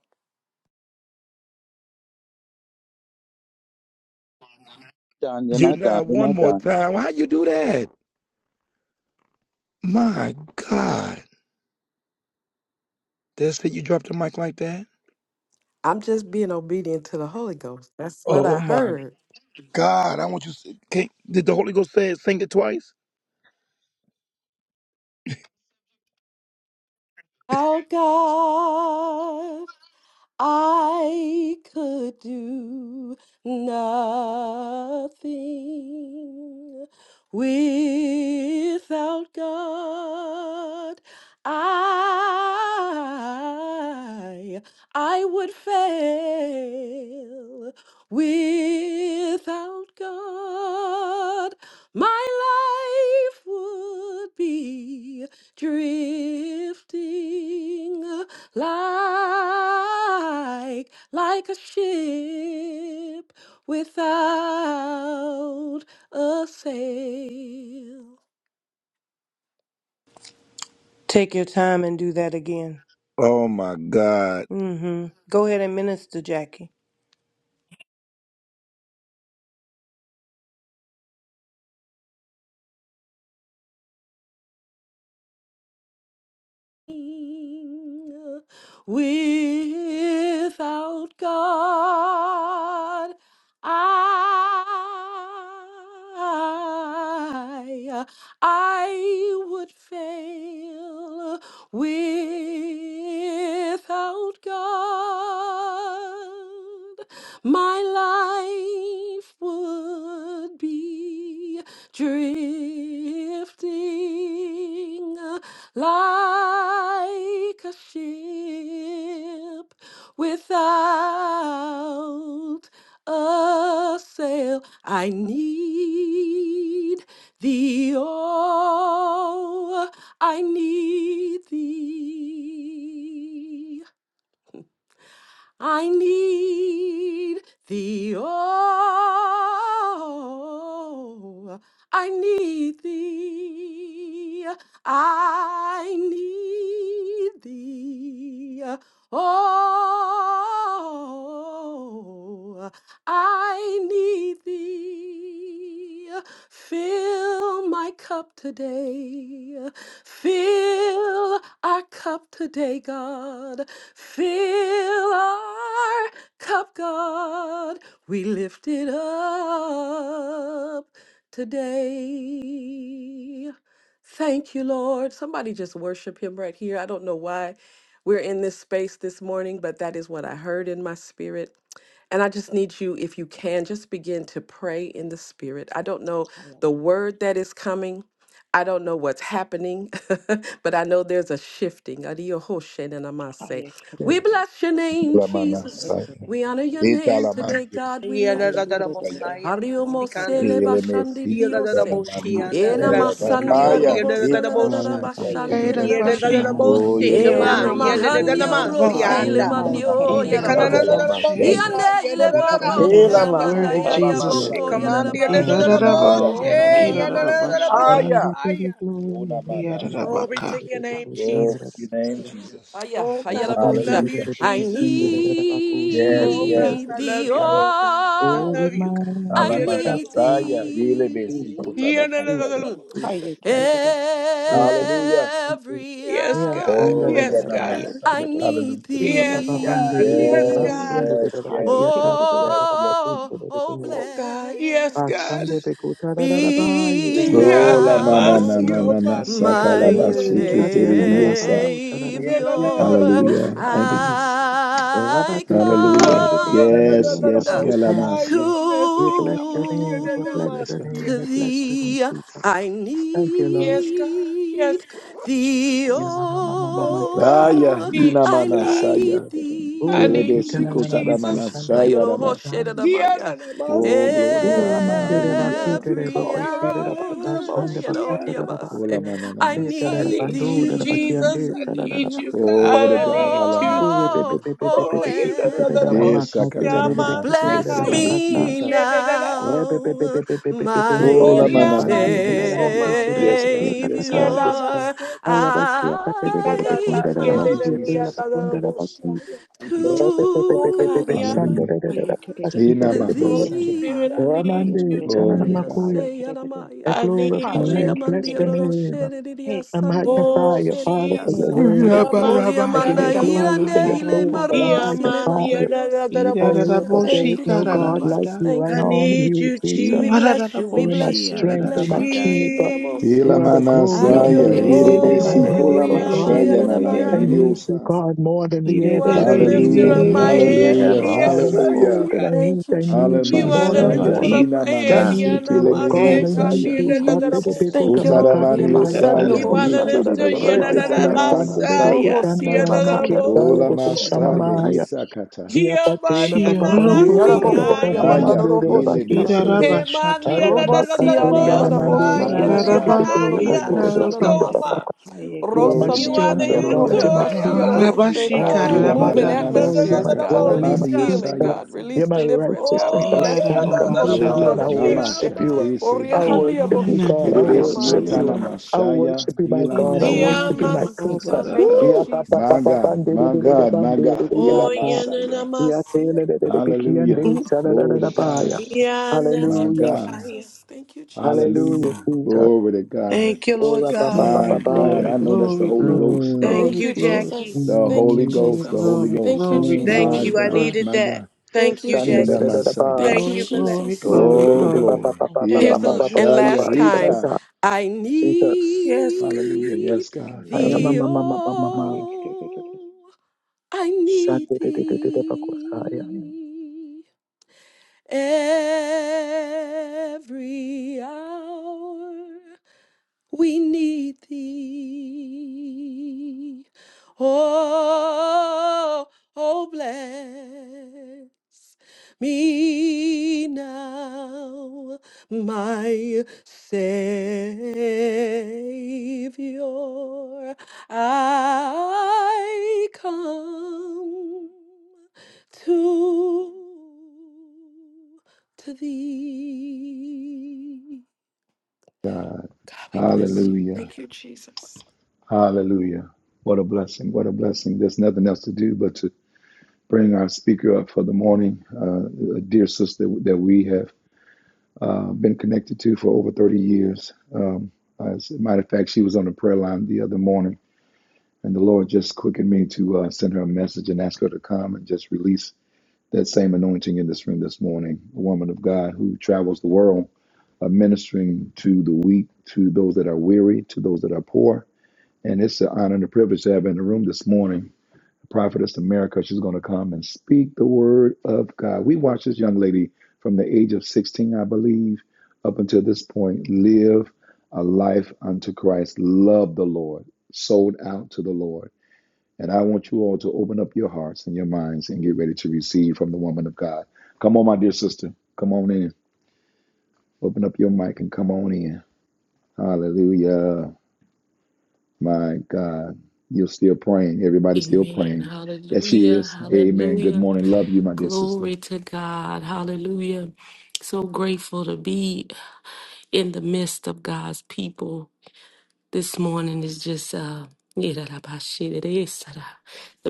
Speaker 8: Done. You're
Speaker 1: You're
Speaker 8: not done.
Speaker 1: not
Speaker 8: You're
Speaker 1: one
Speaker 8: not
Speaker 1: more
Speaker 8: done.
Speaker 1: time. How you do that? My God. That's it. You dropped the mic like that?
Speaker 5: I'm just being obedient to the Holy Ghout Ghost. That's what
Speaker 1: Oh
Speaker 5: I
Speaker 1: my
Speaker 5: heard.
Speaker 1: God, I want you. To, can, did the Holy Ghost say it, sing it twice?
Speaker 5: Without God. I could do nothing without God. I I would fail without God. My life would be drifting like, like a ship without a sail.
Speaker 9: Take your time and do that again.
Speaker 1: Oh my God.
Speaker 9: Mm-hmm. Go ahead and minister, Jackie.
Speaker 5: Without God, I, I would fail. Without God, my life would be drifting like a ship without a sail. I need thee, oh, I need thee. I need thee, oh, I need thee, I need thee, oh, I need thee. Fill my cup today, fill our cup today, God. Fill our cup, God. We lift it up today. Thank you, Lord. Somebody just worship him right here. I don't know why we're in this space this morning, but that is what I heard in my spirit. And I just need you, if you can, just begin to pray in the spirit. I don't know
Speaker 3: Hallelujah.
Speaker 5: the word that is coming. I don't know what's happening, <laughs> but I know there's a shifting. Adiyohoshenanamase.
Speaker 3: Hallelujah. Hallelujah.
Speaker 5: We bless your name,
Speaker 3: Hallelujah.
Speaker 5: Jesus.
Speaker 3: Hallelujah.
Speaker 1: Lamanasaya.
Speaker 5: We honor your name today,
Speaker 1: Italamandiosaya.
Speaker 5: God. We
Speaker 3: Hallelujah.
Speaker 5: lift
Speaker 3: Hallelujah.
Speaker 5: you. Hariomo
Speaker 9: Sikandi.
Speaker 5: sele bashandi
Speaker 9: Yada da da
Speaker 5: diose.
Speaker 9: boshi
Speaker 8: Jesus.
Speaker 9: anda da
Speaker 5: Ena
Speaker 1: Elemesikitanamaniosaya
Speaker 9: da
Speaker 8: Glory to
Speaker 1: lama-
Speaker 3: Hallelujah.
Speaker 5: masandi
Speaker 8: Jesus.
Speaker 9: sikambandi
Speaker 1: Aya.
Speaker 5: orobo
Speaker 9: yada da
Speaker 3: Hallelujah.
Speaker 9: da
Speaker 5: sele da
Speaker 8: Ah,
Speaker 5: da da
Speaker 9: bosha.
Speaker 8: yeah, but I
Speaker 1: Itanamasaya.
Speaker 8: feel
Speaker 5: bashandi
Speaker 8: it,
Speaker 5: da
Speaker 8: it
Speaker 6: Kaida
Speaker 5: da
Speaker 9: Yada
Speaker 8: goes, sha,
Speaker 9: da da
Speaker 8: na,
Speaker 6: bashi
Speaker 5: basa.
Speaker 9: da
Speaker 8: na, man,
Speaker 1: Oh,
Speaker 8: do,
Speaker 9: bosi
Speaker 8: do,
Speaker 3: Hallelujah.
Speaker 8: do,
Speaker 5: E
Speaker 8: do, do,
Speaker 9: kama
Speaker 5: ana
Speaker 8: it
Speaker 9: yada da
Speaker 8: goes,
Speaker 9: da
Speaker 5: mahandi
Speaker 9: da
Speaker 6: iorobokora
Speaker 9: ma
Speaker 5: oro
Speaker 9: si
Speaker 3: Hiya kadada,
Speaker 5: sele
Speaker 8: Ola
Speaker 9: anda.
Speaker 8: mama
Speaker 3: hi
Speaker 5: mandi
Speaker 8: mama
Speaker 3: kadada da da
Speaker 9: Sikana da
Speaker 1: Elemesikotalamandiosakatalamanasaya
Speaker 3: da,
Speaker 9: da
Speaker 8: ndiriririra
Speaker 9: da da
Speaker 8: kushirira
Speaker 6: inarabashi.
Speaker 1: lamasaya.
Speaker 9: bosha
Speaker 5: Iande
Speaker 9: yada
Speaker 5: ile
Speaker 3: ha
Speaker 9: da da da
Speaker 3: kadada
Speaker 5: boro
Speaker 6: You
Speaker 3: da
Speaker 6: are
Speaker 9: si
Speaker 3: da,
Speaker 8: kushirira.
Speaker 5: sele
Speaker 6: so
Speaker 9: anda.
Speaker 5: manda
Speaker 3: ha
Speaker 6: worthy,
Speaker 5: ya
Speaker 3: ha
Speaker 8: We
Speaker 5: ya
Speaker 3: kadada
Speaker 6: Jesus.
Speaker 8: bless
Speaker 5: boko
Speaker 8: your
Speaker 3: you
Speaker 9: Ikamandi
Speaker 8: name,
Speaker 3: kadada,
Speaker 9: yada da
Speaker 8: Father.
Speaker 9: da
Speaker 8: We
Speaker 9: da
Speaker 1: Elamasolamasakatalamandiosaya.
Speaker 6: Idarabo
Speaker 5: Oh
Speaker 8: magnify
Speaker 5: la
Speaker 3: hiya
Speaker 8: your
Speaker 5: la la
Speaker 9: boshi
Speaker 8: name.
Speaker 5: la
Speaker 9: yada
Speaker 3: kadada da
Speaker 9: da da da
Speaker 3: da,
Speaker 5: masanda.
Speaker 6: idarabashida
Speaker 8: Oh,
Speaker 1: Aya.
Speaker 8: we give you
Speaker 9: bosha.
Speaker 8: glory, Lord.
Speaker 1: Unamanasaya.
Speaker 9: Glory
Speaker 6: idarabaka.
Speaker 9: to your
Speaker 8: Ndiriririra
Speaker 5: Ah,
Speaker 9: name,
Speaker 1: Glory to
Speaker 8: kushirira
Speaker 9: Jesus.
Speaker 1: your name,
Speaker 8: kushirira.
Speaker 1: Jesus.
Speaker 5: Aya,
Speaker 9: Oh
Speaker 5: aya
Speaker 8: Ola
Speaker 9: God, we love you,
Speaker 1: Hallelujah.
Speaker 8: pandiririririra
Speaker 5: I
Speaker 9: Jesus.
Speaker 8: kushirira
Speaker 1: Yes,
Speaker 9: Oh
Speaker 1: yes.
Speaker 9: God,
Speaker 8: kushamandiriririra
Speaker 5: need
Speaker 9: I
Speaker 5: thee,
Speaker 9: love
Speaker 8: kushirira.
Speaker 9: you,
Speaker 1: Ala-
Speaker 9: Lord God. I
Speaker 8: Oh, we
Speaker 9: love
Speaker 5: oh,
Speaker 9: you, God.
Speaker 5: I
Speaker 8: magnify
Speaker 5: need
Speaker 8: the
Speaker 9: Yadadabas.
Speaker 8: Lord.
Speaker 1: Alabanasaya,
Speaker 3: hiya kadada
Speaker 1: ilebe
Speaker 3: da
Speaker 8: Jesus,
Speaker 5: thee.
Speaker 3: da,
Speaker 8: Jesus,
Speaker 1: sikotanabasaya.
Speaker 9: Yadadadadadabas.
Speaker 8: Jesus,
Speaker 3: hiya
Speaker 1: Thank
Speaker 3: kadada da da.
Speaker 1: you.
Speaker 8: Jesus.
Speaker 1: Hallelujah.
Speaker 8: Thank you.
Speaker 5: Every
Speaker 9: Yes,
Speaker 8: Yeah,
Speaker 9: God.
Speaker 1: Oh, yeah,
Speaker 9: Yes,
Speaker 8: chandarararara.
Speaker 5: hour
Speaker 9: God.
Speaker 3: Hiya
Speaker 5: I
Speaker 1: yanamasaya.
Speaker 3: kidda.
Speaker 5: need
Speaker 1: Hallelujah.
Speaker 8: Ndiriririra
Speaker 3: Yeah,
Speaker 9: Yes,
Speaker 3: God.
Speaker 9: God.
Speaker 8: babandiriririra
Speaker 9: Yes,
Speaker 1: Yes,
Speaker 3: Hallelujah.
Speaker 5: thee.
Speaker 9: God.
Speaker 1: yes,
Speaker 8: basundiriririra
Speaker 1: yes,
Speaker 3: Hiya kidda.
Speaker 1: yes,
Speaker 3: Hiya
Speaker 8: bakiyakaka.
Speaker 3: kidda.
Speaker 1: yes,
Speaker 8: Ndiriririra
Speaker 1: yes.
Speaker 5: Oh, oh,
Speaker 8: kushirira.
Speaker 5: bless
Speaker 9: Oh God. Yes, God.
Speaker 8: Ashande beko tarararaba
Speaker 5: me
Speaker 8: yebeko
Speaker 1: Oh, la mana
Speaker 8: sananamaya
Speaker 9: Yadadabas.
Speaker 1: na na
Speaker 5: now,
Speaker 8: tele.
Speaker 1: na na
Speaker 9: Yomandi.
Speaker 1: saka la
Speaker 5: my
Speaker 8: Eh,
Speaker 1: mashiki
Speaker 9: Yadadadadabas.
Speaker 1: terebiosa.
Speaker 8: katiyarararabando
Speaker 3: Hiya kidda.
Speaker 8: sarararabakiyata
Speaker 5: Savior.
Speaker 9: Yadadadadabas.
Speaker 1: Hallelujah. Thank
Speaker 3: In
Speaker 1: you,
Speaker 3: the
Speaker 8: sededededabakaya.
Speaker 3: name of
Speaker 1: Jesus.
Speaker 3: Jesus. Thank you
Speaker 5: I
Speaker 3: so much,
Speaker 1: Hallelujah.
Speaker 9: Oh,
Speaker 3: Father.
Speaker 8: Rabatekededededebeko
Speaker 5: come
Speaker 1: Yes, yes,
Speaker 5: uh,
Speaker 9: yadadadadabas.
Speaker 8: sindedededabakiyata.
Speaker 1: galamasi.
Speaker 8: We bless your
Speaker 9: Yanasekamandi.
Speaker 8: name, we
Speaker 5: to
Speaker 8: bless
Speaker 9: Yadadabas.
Speaker 1: Yes,
Speaker 8: your
Speaker 1: God.
Speaker 8: name,
Speaker 5: to
Speaker 8: we bless your name,
Speaker 5: thee
Speaker 8: Jesus.
Speaker 5: I
Speaker 8: Thank you, Lord.
Speaker 9: Yes, God.
Speaker 5: need
Speaker 9: Yes, God.
Speaker 5: thee
Speaker 8: Yena
Speaker 1: Jesus.
Speaker 3: Yeah,
Speaker 8: mama mama
Speaker 3: Father. Yes,
Speaker 8: mama
Speaker 9: Oh
Speaker 3: Father.
Speaker 8: desede.
Speaker 9: God,
Speaker 1: Aya,
Speaker 9: I
Speaker 5: oh
Speaker 1: ina
Speaker 9: need you,
Speaker 5: I
Speaker 3: Hiya
Speaker 9: God.
Speaker 3: kidda.
Speaker 5: need
Speaker 1: manasaya.
Speaker 3: Hiya
Speaker 8: Oh,
Speaker 9: I need
Speaker 1: Kelebe
Speaker 8: Rebekita
Speaker 9: you,
Speaker 1: siko
Speaker 5: thee
Speaker 1: tada
Speaker 3: kidda. Hiya
Speaker 8: nananamako
Speaker 9: Jesus.
Speaker 5: Ah, you know, oh,
Speaker 1: manasaya
Speaker 5: shit,
Speaker 8: shandedebakiyata.
Speaker 5: and I'm like, uh,
Speaker 9: Diana
Speaker 1: Oh,
Speaker 3: kidda. Hiya kidda.
Speaker 9: Namasia.
Speaker 1: glory to God.
Speaker 8: Uramandere
Speaker 1: Hallelujah.
Speaker 9: We
Speaker 8: bakitere
Speaker 5: every
Speaker 9: call you la
Speaker 8: bakusire
Speaker 9: la la la la,
Speaker 5: hour
Speaker 8: bakashande
Speaker 5: you know, the
Speaker 8: bakutere
Speaker 9: Moshiana.
Speaker 5: abbas, eh,
Speaker 1: Ola
Speaker 8: bahaya.
Speaker 5: I
Speaker 1: manana
Speaker 9: I
Speaker 8: Tetere
Speaker 1: saya
Speaker 5: need
Speaker 9: need
Speaker 1: katana
Speaker 9: you,
Speaker 8: bandure
Speaker 1: masaya.
Speaker 9: Jesus.
Speaker 8: bakiande
Speaker 9: I
Speaker 8: chalala
Speaker 5: thee
Speaker 9: need you,
Speaker 8: bakasi.
Speaker 1: Oh, what
Speaker 9: God.
Speaker 1: a
Speaker 9: I
Speaker 1: God.
Speaker 9: need
Speaker 1: Ala
Speaker 9: you.
Speaker 5: oh
Speaker 1: masaya.
Speaker 5: oh
Speaker 9: Oh,
Speaker 8: Urebebebebebebe
Speaker 9: you la la
Speaker 8: kusitere
Speaker 9: la la,
Speaker 5: bless
Speaker 1: Esa
Speaker 8: makatele
Speaker 1: katana
Speaker 9: Moshiama
Speaker 1: masia
Speaker 8: bekitere
Speaker 5: Bless
Speaker 9: Sekaya.
Speaker 1: terebesi
Speaker 8: bakasa.
Speaker 5: me
Speaker 9: Yeah,
Speaker 1: otala
Speaker 9: la la la.
Speaker 1: masaya.
Speaker 9: la.
Speaker 5: now,
Speaker 8: Urebebebebebebendure
Speaker 5: my
Speaker 9: Oh,
Speaker 1: Ola
Speaker 9: yeah,
Speaker 1: manana
Speaker 8: diabasitere
Speaker 9: Masiko
Speaker 1: saya.
Speaker 8: makushire
Speaker 9: Mandia.
Speaker 1: Yes, God.
Speaker 8: bakieta
Speaker 1: Yes,
Speaker 9: Yeah,
Speaker 8: tata.
Speaker 1: God.
Speaker 9: la
Speaker 1: Yes, God.
Speaker 5: Savior.
Speaker 9: Maseka.
Speaker 8: Ayabasia
Speaker 9: Sika
Speaker 8: katere
Speaker 9: da
Speaker 5: I
Speaker 9: da.
Speaker 8: bekundere
Speaker 9: Yeah,
Speaker 1: Thank you,
Speaker 9: la la
Speaker 8: basia
Speaker 5: come
Speaker 9: la
Speaker 8: tela
Speaker 1: Jesus.
Speaker 9: la la, la,
Speaker 8: bakundere basi.
Speaker 9: Moshiaya.
Speaker 1: Thank you, Jesus.
Speaker 9: Oh, God,
Speaker 8: Urebebebebebebe
Speaker 5: to,
Speaker 9: yeah,
Speaker 1: Hallelujah.
Speaker 8: sandere
Speaker 9: Masia.
Speaker 8: bakasi
Speaker 1: Ena
Speaker 5: to
Speaker 8: tetere
Speaker 9: Holy
Speaker 3: Thank you,
Speaker 1: manasaya.
Speaker 9: Spirit, I
Speaker 3: Father. Hiya
Speaker 9: need
Speaker 3: kidda.
Speaker 9: you.
Speaker 8: Ramande
Speaker 5: thee.
Speaker 3: Hiya
Speaker 1: Glory to God.
Speaker 5: Ariase,
Speaker 8: I
Speaker 5: Yaramaya.
Speaker 9: I
Speaker 8: glorify,
Speaker 9: need you,
Speaker 8: I
Speaker 3: kidda. Hiya kidda.
Speaker 8: bless
Speaker 5: Oriamandia
Speaker 8: your
Speaker 9: Jesus.
Speaker 8: name.
Speaker 5: Roshedidia
Speaker 8: I
Speaker 5: Sandia
Speaker 3: Hey,
Speaker 8: magnify
Speaker 9: Oh,
Speaker 8: your Father for your
Speaker 9: Jesus.
Speaker 5: Roshedidiase.
Speaker 8: word.
Speaker 3: Inananaka,
Speaker 6: Rabaraba
Speaker 8: I give
Speaker 5: Oriamanda
Speaker 3: kaya
Speaker 8: you
Speaker 9: Yamasianda.
Speaker 3: kaya
Speaker 8: glory for
Speaker 5: Hirande
Speaker 8: your
Speaker 3: yaya,
Speaker 5: Hile
Speaker 6: hedabahadarobo
Speaker 8: faithful. I
Speaker 5: Maros Hile
Speaker 8: magnify you. I hear because there
Speaker 9: Yamadiadadadadaboshaya.
Speaker 6: idaraboshi
Speaker 5: Thank
Speaker 8: is
Speaker 5: you,
Speaker 8: no God like
Speaker 5: Jesus.
Speaker 6: kararabada.
Speaker 8: you. I
Speaker 5: Thank you,
Speaker 9: I
Speaker 8: honor
Speaker 5: Lord.
Speaker 9: need
Speaker 8: you,
Speaker 9: you,
Speaker 8: Jesus.
Speaker 6: You
Speaker 5: We
Speaker 6: are
Speaker 9: Jesus.
Speaker 5: bless you. We
Speaker 8: You are my
Speaker 5: bless
Speaker 6: araboshi
Speaker 5: you. We
Speaker 8: strength, you are
Speaker 5: bless
Speaker 8: my
Speaker 5: you,
Speaker 6: araraba.
Speaker 5: God.
Speaker 8: keeper.
Speaker 5: Yerabose.
Speaker 1: Ela
Speaker 8: You are the
Speaker 9: Jesus.
Speaker 8: glory on the
Speaker 1: manasaya.
Speaker 8: lifter up
Speaker 5: Andiorose
Speaker 8: of
Speaker 5: le
Speaker 8: my
Speaker 1: Erebesi
Speaker 8: head,
Speaker 9: Oh,
Speaker 1: kola
Speaker 8: oh
Speaker 5: mandarodobo.
Speaker 8: God.
Speaker 1: masaya nanana
Speaker 8: I
Speaker 5: Shiaranamaya.
Speaker 8: need
Speaker 9: Yamasianda.
Speaker 8: you,
Speaker 1: didiosa.
Speaker 8: God, more than
Speaker 6: Glory,
Speaker 8: the air
Speaker 9: You
Speaker 8: that
Speaker 9: are
Speaker 8: I
Speaker 9: the
Speaker 8: breathe.
Speaker 9: lifter
Speaker 8: I
Speaker 1: Hallelujah.
Speaker 9: of
Speaker 8: need
Speaker 9: my
Speaker 8: you.
Speaker 5: Thank you,
Speaker 9: head.
Speaker 1: Hallelujah.
Speaker 8: More than the
Speaker 5: Jesus.
Speaker 1: Hallelujah.
Speaker 8: food that I
Speaker 9: Yamasia.
Speaker 5: Thank
Speaker 8: eat,
Speaker 5: you,
Speaker 8: I need you
Speaker 9: You
Speaker 5: Jesus.
Speaker 9: are
Speaker 8: more
Speaker 9: the
Speaker 8: than
Speaker 5: Thank you,
Speaker 1: Alamasaya,
Speaker 9: lifter
Speaker 8: water.
Speaker 9: of my
Speaker 8: I
Speaker 9: head.
Speaker 5: Jesus.
Speaker 8: need
Speaker 1: Inamanase,
Speaker 8: you, oh
Speaker 3: haya
Speaker 8: God, I
Speaker 5: Thank you,
Speaker 8: need
Speaker 1: Kilemeniosaya,
Speaker 3: kererere,
Speaker 8: you. Sa
Speaker 3: haya
Speaker 8: ta de
Speaker 5: Jesus.
Speaker 9: Yanamasekandiyadadadadabosha.
Speaker 8: biku ta
Speaker 5: Thank
Speaker 3: kererere,
Speaker 5: you, Lord.
Speaker 8: makatde na
Speaker 3: haya
Speaker 5: Yebasadio
Speaker 1: Utaramaniosaya,
Speaker 9: You
Speaker 5: ho
Speaker 8: pasi,
Speaker 9: are the
Speaker 3: kererere,
Speaker 9: lifter,
Speaker 1: Itelebe,
Speaker 9: you are
Speaker 3: hina
Speaker 9: the
Speaker 8: repekiya tande de
Speaker 3: kararara,
Speaker 8: biku
Speaker 5: Robo
Speaker 1: Shekitalamanasaya,
Speaker 9: Messiah,
Speaker 8: ta na
Speaker 9: you
Speaker 5: sile
Speaker 9: are
Speaker 8: na
Speaker 9: the
Speaker 5: bakanda
Speaker 8: makia
Speaker 9: most.
Speaker 8: tala
Speaker 1: Ola
Speaker 5: Robo
Speaker 8: biku sama
Speaker 1: Masaya,
Speaker 8: maya.
Speaker 1: Hitakata.
Speaker 8: Iya patena papa pande kada
Speaker 1: Woo!
Speaker 8: de oh
Speaker 5: Yarabohoria
Speaker 9: Yomayananasia,
Speaker 1: Aya,
Speaker 8: kumande de
Speaker 5: Mandaraboshi
Speaker 8: bakiya
Speaker 1: Hilebeso,
Speaker 5: Karabas.
Speaker 8: tere
Speaker 9: Hemania
Speaker 8: ayabaka
Speaker 5: Robasia
Speaker 8: de na
Speaker 1: Kutalamana,
Speaker 9: Nananasia,
Speaker 1: na, na,
Speaker 8: mandiosi
Speaker 5: Yaraboshandari
Speaker 1: na,
Speaker 8: sukepepe na
Speaker 9: Nananaya,
Speaker 5: Hadaraboko
Speaker 8: katika
Speaker 3: haya
Speaker 1: Zilemesha.
Speaker 8: dutsinda papa.
Speaker 9: Nikoma.
Speaker 3: kererere,
Speaker 5: Sadamasa.
Speaker 3: haya
Speaker 8: You are my
Speaker 1: Glory to
Speaker 9: You
Speaker 5: Rosandi
Speaker 3: kererere,
Speaker 1: God.
Speaker 9: are
Speaker 8: strength,
Speaker 5: Handia
Speaker 8: oh
Speaker 9: the
Speaker 8: God.
Speaker 9: lifter,
Speaker 5: Rohe
Speaker 8: You're
Speaker 1: Hallelujah.
Speaker 8: my
Speaker 9: Yatoya
Speaker 5: Basia
Speaker 8: keeper.
Speaker 3: yega,
Speaker 5: Rohosheka.
Speaker 8: Oh, you
Speaker 9: Masia,
Speaker 8: are my
Speaker 3: haya
Speaker 5: Move in
Speaker 1: Ilamana na na Ilamanana,
Speaker 3: kererere.
Speaker 8: restorer. You're
Speaker 5: atmospheres,
Speaker 8: my
Speaker 5: God.
Speaker 8: joy. You're
Speaker 5: Release
Speaker 8: my
Speaker 9: Nananabosha.
Speaker 8: peace.
Speaker 5: healing,
Speaker 3: Thank
Speaker 8: uh,
Speaker 3: you
Speaker 1: Sakataramaniosaya.
Speaker 5: God.
Speaker 3: so
Speaker 8: You're
Speaker 5: Release
Speaker 8: my
Speaker 3: much,
Speaker 5: deliverance,
Speaker 3: Father.
Speaker 5: God.
Speaker 8: righteousness.
Speaker 5: We
Speaker 8: I
Speaker 9: Oh,
Speaker 5: bless you.
Speaker 8: stand
Speaker 3: Thank
Speaker 8: complete
Speaker 3: you
Speaker 1: Oh
Speaker 8: with
Speaker 3: so
Speaker 8: you and I
Speaker 1: God,
Speaker 3: much, Father.
Speaker 9: Yananabosia,
Speaker 8: worship
Speaker 5: Robosandariese.
Speaker 1: Namasha,
Speaker 8: you.
Speaker 9: my
Speaker 1: Hisi,
Speaker 5: Oria
Speaker 8: I
Speaker 3: Thank you,
Speaker 5: Handia
Speaker 9: Kandia.
Speaker 8: worship
Speaker 3: Father.
Speaker 8: you,
Speaker 5: Boshe
Speaker 8: God. I
Speaker 3: Haya
Speaker 1: kilebesi
Speaker 8: worship
Speaker 5: Terediamania
Speaker 8: you.
Speaker 3: kererere.
Speaker 5: Namas.
Speaker 8: I
Speaker 1: Mashaya,
Speaker 8: worship you, my God. I
Speaker 5: Thank
Speaker 3: Mhm.
Speaker 1: Hilamaso.
Speaker 5: you,
Speaker 8: worship you, my
Speaker 5: Jesus.
Speaker 8: Kunsa.
Speaker 9: Yamasikanda.
Speaker 5: Thank you,
Speaker 8: Ya
Speaker 1: Woo!
Speaker 8: pa pa pa
Speaker 1: My
Speaker 8: pa pa
Speaker 5: Jesus.
Speaker 1: God,
Speaker 8: de de
Speaker 1: my
Speaker 8: de de de
Speaker 1: God,
Speaker 8: ba
Speaker 1: my
Speaker 8: de de
Speaker 1: God.
Speaker 8: de ya
Speaker 1: Yela
Speaker 8: pa.
Speaker 1: Masaya.
Speaker 8: Ya te
Speaker 9: Oh,
Speaker 8: de de de de
Speaker 1: Hallelujah.
Speaker 8: sa da da da
Speaker 1: Glory to
Speaker 8: da
Speaker 5: Thank
Speaker 8: ba
Speaker 5: you,
Speaker 1: God.
Speaker 8: ya.
Speaker 5: Jesus.
Speaker 1: My
Speaker 5: Thank you,
Speaker 8: Hallelujah.
Speaker 1: God.
Speaker 9: Yanasekaya.
Speaker 5: Jesus. Thank you, Jesus.
Speaker 8: Hallelujah,
Speaker 1: Hallelujah.
Speaker 8: Jesus.
Speaker 1: Glory to God.
Speaker 9: Thank
Speaker 5: Thank
Speaker 9: you,
Speaker 5: you,
Speaker 8: Oh,
Speaker 9: Lord
Speaker 8: ra pa pa
Speaker 9: God.
Speaker 8: pa
Speaker 5: Jesus.
Speaker 1: My
Speaker 8: pa
Speaker 6: glory,
Speaker 8: pa
Speaker 1: God.
Speaker 8: ya.
Speaker 1: I know that's the
Speaker 6: glory,
Speaker 3: Thank
Speaker 6: glory,
Speaker 3: you,
Speaker 1: Holy
Speaker 3: Father.
Speaker 1: Ghost.
Speaker 9: Thank
Speaker 8: Mm.
Speaker 5: Thank
Speaker 6: glory,
Speaker 5: you,
Speaker 9: you,
Speaker 6: glory.
Speaker 3: Haya
Speaker 9: Jackie.
Speaker 5: Jesus.
Speaker 1: The
Speaker 5: Thank
Speaker 1: Holy
Speaker 5: you,
Speaker 3: kererere.
Speaker 8: Mm.
Speaker 6: Glory,
Speaker 1: Ghost. The Holy
Speaker 5: Jesus.
Speaker 6: glory,
Speaker 5: Thank
Speaker 1: Ghost.
Speaker 5: you,
Speaker 6: glory,
Speaker 8: Mm,
Speaker 9: Thank
Speaker 1: My
Speaker 5: Jesus.
Speaker 6: glory,
Speaker 9: you. I
Speaker 1: God.
Speaker 6: glory,
Speaker 9: needed
Speaker 1: My
Speaker 3: Yes.
Speaker 9: that.
Speaker 1: God.
Speaker 5: Thank
Speaker 9: Thank
Speaker 5: you,
Speaker 9: you,
Speaker 1: Ina
Speaker 9: Jackie.
Speaker 5: Jesus.
Speaker 8: shandadadadadaba,
Speaker 1: Masaya.
Speaker 5: Thank
Speaker 9: Thank
Speaker 5: you,
Speaker 6: glory,
Speaker 9: you for that.
Speaker 6: glory,
Speaker 5: Jesus.
Speaker 6: glory,
Speaker 1: Oh,
Speaker 6: glory.
Speaker 1: glory.
Speaker 3: Thank you,
Speaker 1: Ila
Speaker 5: Here's
Speaker 9: Thank
Speaker 5: the l-
Speaker 3: Father.
Speaker 9: you,
Speaker 5: and
Speaker 1: Masaya.
Speaker 8: yadadadadababababababababababa,
Speaker 5: last
Speaker 3: Thank you,
Speaker 9: Jesus.
Speaker 5: time.
Speaker 1: Hita.
Speaker 8: shatata.
Speaker 3: Father.
Speaker 5: I
Speaker 8: Jesus.
Speaker 9: Yes,
Speaker 1: Hallelujah.
Speaker 5: need
Speaker 1: Yes, God.
Speaker 5: thee,
Speaker 1: Hallelujah.
Speaker 3: Yega, haya
Speaker 8: Ayamamamamamamama.
Speaker 3: kererere.
Speaker 5: oh, I need
Speaker 8: Shandadadadadabakosaya.
Speaker 5: thee every hour. we need thee. Oh, oh, bless me now, my Savior. I come to to thee. God, we bless you.
Speaker 1: Hallelujah.
Speaker 5: Thank you, Jesus.
Speaker 1: Hallelujah. What a blessing. What a blessing. There's nothing else to do but to bring our speaker up for the morning, uh, a dear sister that we have uh, been connected to for over 30 years. Um, as a matter of fact, she was on the prayer line the other morning, and the Lord just quickened me to uh, send her a message and ask her to come and just release that same anointing in this room this morning. A woman of God who travels the world, uh, ministering to the weak, to those that are weary, to those that are poor. And it's an honor and a privilege to have her in the room this morning. Prophetess America. She's going to come and speak the word of God. We watched this young lady from the age of 16, I believe, up until this point, live a life unto Christ, love the Lord, sold out to the Lord. And I want you all to open up your hearts and your minds and get ready to receive from the woman of God. Come on, my dear sister. Come on in. Open up your mic and come on in. Hallelujah. My God, you're still praying. Everybody's still
Speaker 10: Amen.
Speaker 1: praying. That she
Speaker 10: Hallelujah.
Speaker 1: is. Amen. Good
Speaker 10: Hallelujah.
Speaker 1: morning. Love you, my dear sister.
Speaker 10: Glory to God. Hallelujah. So grateful to be in the midst of God's people this morning is just uh the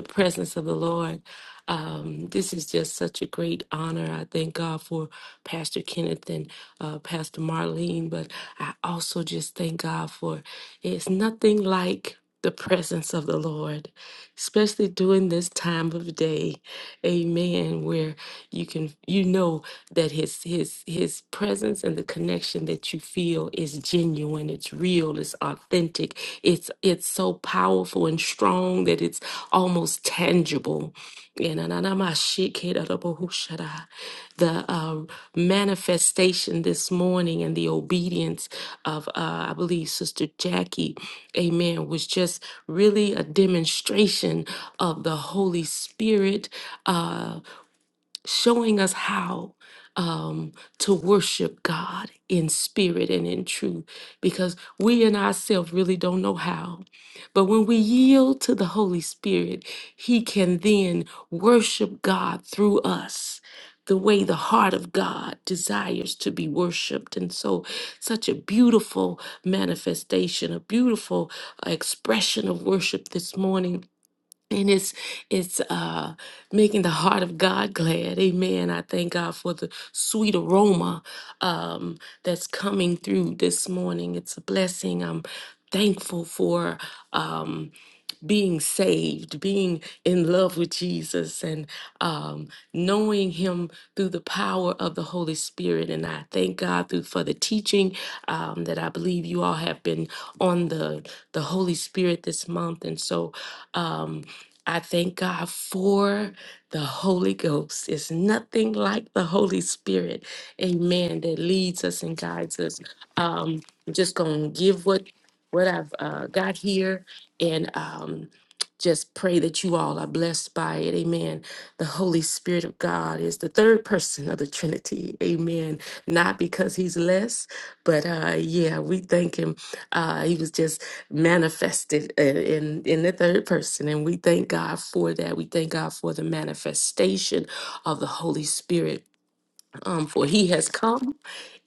Speaker 10: presence of the Lord. Um, this is just such a great honor. I thank God for Pastor Kenneth and uh, Pastor Marlene, but I also just thank God for it's nothing like the presence of the Lord, especially during this time of day. Amen. Where you can, you know, that his his his presence and the connection that you feel is genuine it's real it's authentic it's it's so powerful and strong that it's almost tangible and ananamashikirarabohushara. the uh, manifestation this morning and the obedience of uh, i believe sister jackie amen was just really a demonstration of the holy spirit uh, showing us how um, to worship God in spirit and in truth, because we and ourselves really don't know how. But when we yield to the Holy Spirit, He can then worship God through us. The way the heart of God desires to be worshiped. And so, such a beautiful manifestation, a beautiful uh, expression of worship this morning and it's it's uh making the heart of god glad amen i thank god for the sweet aroma um that's coming through this morning it's a blessing i'm thankful for um being saved, being in love with Jesus, and um, knowing Him through the power of the Holy Spirit. And I thank God through for the teaching um, that I believe you all have been on the the Holy Spirit this month. And so um, I thank God for the Holy Ghost. It's nothing like the Holy Spirit, Amen, that leads us and guides us. Um, I'm just gonna give what what I've uh, got here and um, just pray that you all are blessed by it. Amen. The Holy Spirit of God is the third person of the Trinity. Amen. Not because he's less, but uh, yeah, we thank him. Uh, he was just manifested in, in in the third person, and we thank God for that. We thank God for the manifestation of the Holy Spirit um, for he has come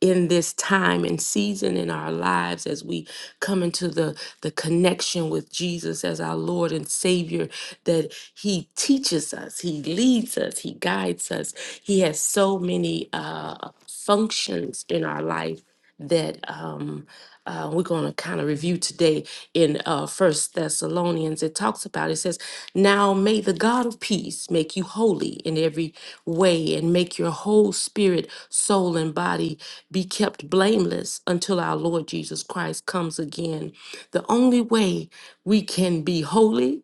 Speaker 10: in this time and season in our lives as we come into the the connection with Jesus as our Lord and Savior that he teaches us he leads us he guides us he has so many uh functions in our life that um uh, we're going to kind of review today in uh, First Thessalonians. It talks about it says, "Now may the God of peace make you holy in every way, and make your whole spirit, soul, and body be kept blameless until our Lord Jesus Christ comes again." The only way we can be holy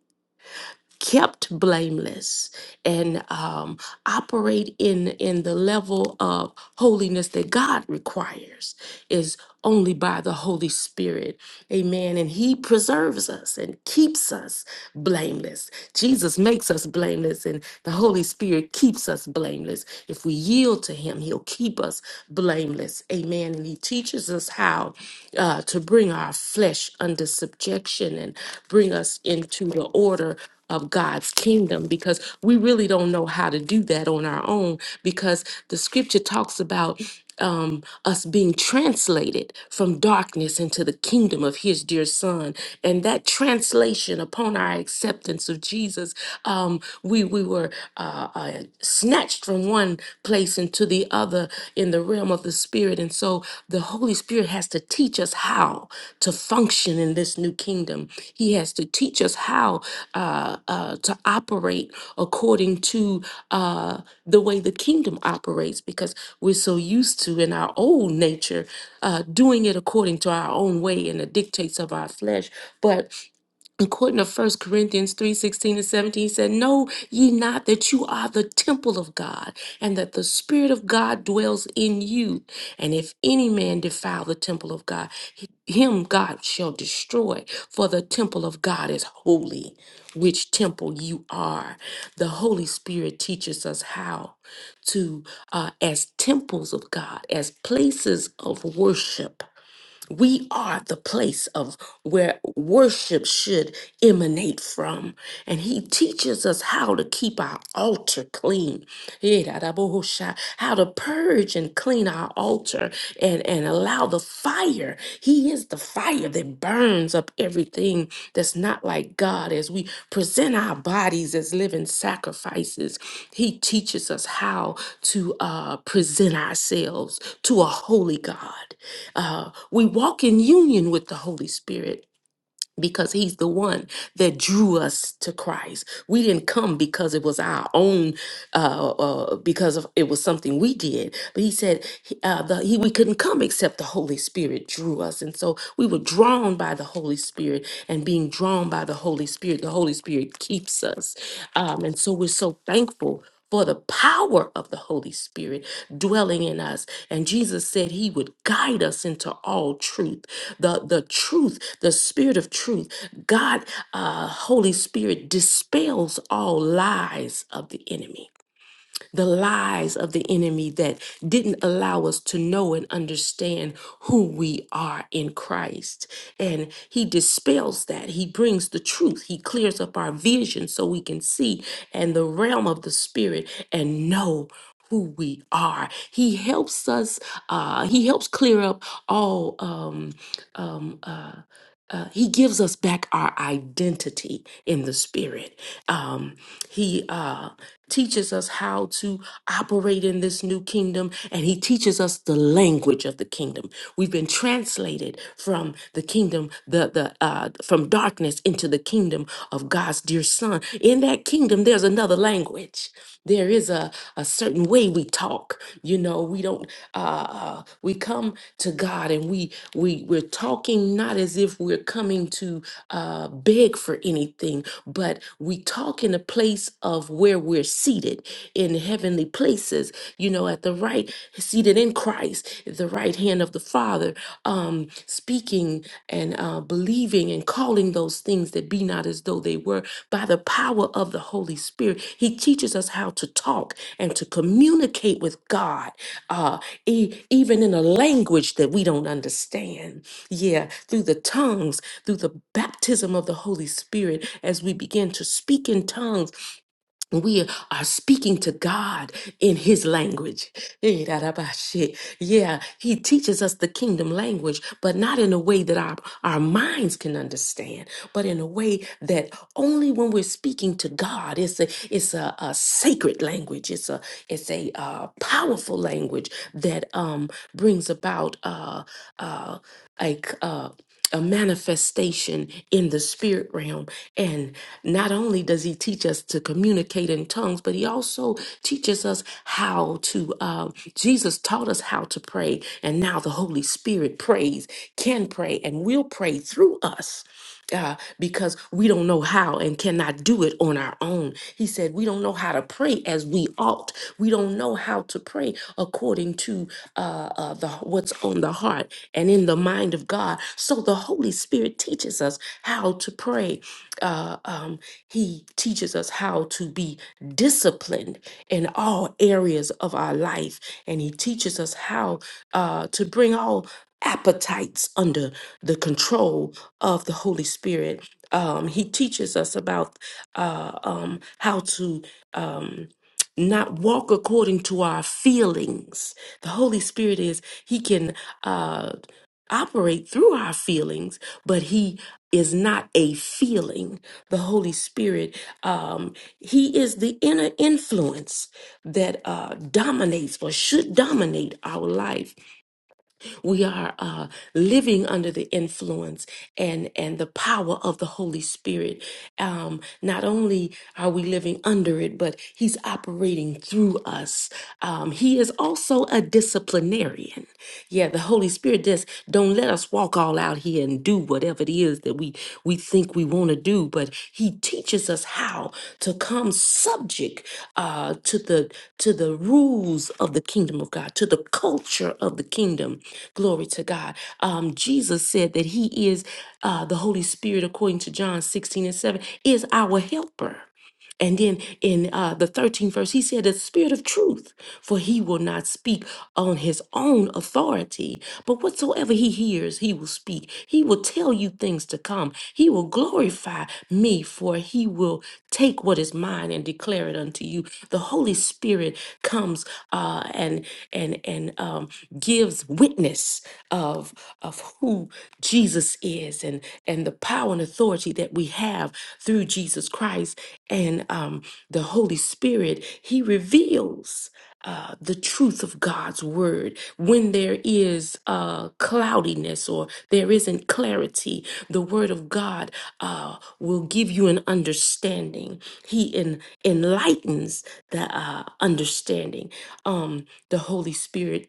Speaker 10: kept blameless and um, operate in in the level of holiness that God requires is only by the Holy Spirit. Amen. And he preserves us and keeps us blameless. Jesus makes us blameless and the Holy Spirit keeps us blameless. If we yield to him, he'll keep us blameless. Amen. And he teaches us how uh, to bring our flesh under subjection and bring us into the order of God's kingdom because we really don't know how to do that on our own because the scripture talks about um, us being translated from darkness into the kingdom of his dear son and that translation upon our acceptance of jesus um, we we were uh, uh, snatched from one place into the other in the realm of the Spirit. And so the Holy Spirit has to teach us how to function in this new kingdom. He has to teach us how uh, uh, to operate according to uh, the way the kingdom operates because we're so used to in our old nature uh, doing it according to our own way and the dictates of our flesh. But according to First Corinthians three sixteen and 17, he said, Know ye not that you are the temple of God, and that the Spirit of God dwells in you? And if any man defile the temple of God, h- him God shall destroy, for the temple of God is holy, which temple you are. The Holy Spirit teaches us how to, uh, as temples of God, as places of worship we are the place of where worship should emanate from. And he teaches us how to keep our altar clean. Yidadabohosha, How to purge and clean our altar and, and allow the fire. He is the fire that burns up everything that's not like God. As we present our bodies as living sacrifices, he teaches us how to uh, present ourselves to a holy God. Uh, we walk in union with the Holy Spirit because he's the one that drew us to Christ. We didn't come because it was our own, uh, uh, because of, it was something we did. But he said he- uh, the, he, we couldn't come except the Holy Spirit drew us. And so we were drawn by the Holy Spirit and being drawn by the Holy Spirit. The Holy Spirit keeps us. Um, and so we're so thankful for the power of the Holy Spirit dwelling in us. And Jesus said he would guide us into all truth. The, the truth, the spirit of truth, God, uh, Holy Spirit dispels all lies of the enemy the lies of the enemy that didn't allow us to know and understand who we are in Christ. And he dispels that. He brings the truth. He clears up our vision so we can see and the realm of the spirit and know who we are. He helps us. Uh, he helps clear up all. Um, um, uh, uh, he gives us back our identity in the spirit. Um, he. Uh, teaches us how to operate in this new kingdom, and He teaches us the language of the kingdom. We've been translated from the kingdom, the the uh, from darkness into the kingdom of God's dear Son. In that kingdom, there's another language. There is a a certain way we talk. You know, we don't. Uh, uh, we come to God, and we we we're talking not as if we're coming to uh, beg for anything but we talk in a place of where we're seated in heavenly places, you know, at the right, seated in Christ, at the right hand of the Father, um, speaking and uh, believing and calling those things that be not as though they were by the power of the Holy Spirit. He teaches us how to talk and to communicate with God, uh, e- even in a language that we don't understand. Yeah, through the tongues, through the baptism of the Holy Spirit, as we begin to speak in tongues, we are speaking to God in His language. Eh, da, da, ba, shit. Yeah, He teaches us the kingdom language, but not in a way that our, our minds can understand, but in a way that only when we're speaking to God, it's a it's a, a sacred language. It's a it's a uh, powerful language that um, brings about uh, uh, a c- uh, a manifestation in the spirit realm and. Not only does he teach us to communicate in tongues, but he also teaches us how to, uh, Jesus taught us how to pray. And now the Holy Spirit prays, can pray, and will pray through us uh, because we don't know how and cannot do it on our own. He said, We don't know how to pray as we ought. We don't know how to pray according to uh, uh, the, what's on the heart and in the mind of God. So the Holy Spirit teaches us how to pray uh, um, he teaches us how to be disciplined in all areas of our life, and he teaches us how uh, to bring all appetites under the control of the Holy Spirit. Um, he teaches us about uh, um, how to. Um, not walk according to our feelings. The Holy Spirit is, He can uh, operate through our feelings, but He is not a feeling. The Holy Spirit, um, He is the inner influence that uh, dominates or should dominate our life. We are uh, living under the influence and and the power of the Holy Spirit. Um, not only are we living under it, but He's operating through us. Um, he is also a disciplinarian. Yeah, the Holy Spirit just don't let us walk all out here and do whatever it is that we we think we want to do, but He teaches us how to come subject uh, to the to the rules of the kingdom of God, to the culture of the kingdom. Glory to God. Um, Jesus said that He is uh, the Holy Spirit, according to John sixteen and seven, is our helper. And then in uh, the 13th verse, he said, The spirit of truth, for he will not speak on his own authority, but whatsoever he hears, he will speak. He will tell you things to come. He will glorify me, for he will take what is mine and declare it unto you. The Holy Spirit comes uh, and and and um, gives witness of of who Jesus is and and the power and authority that we have through Jesus Christ and um, the Holy Spirit. He reveals uh, the truth of God's word, when there is uh, cloudiness or there isn't clarity, the word of God uh, will give you an understanding. He en- enlightens the uh, understanding. Um, the Holy Spirit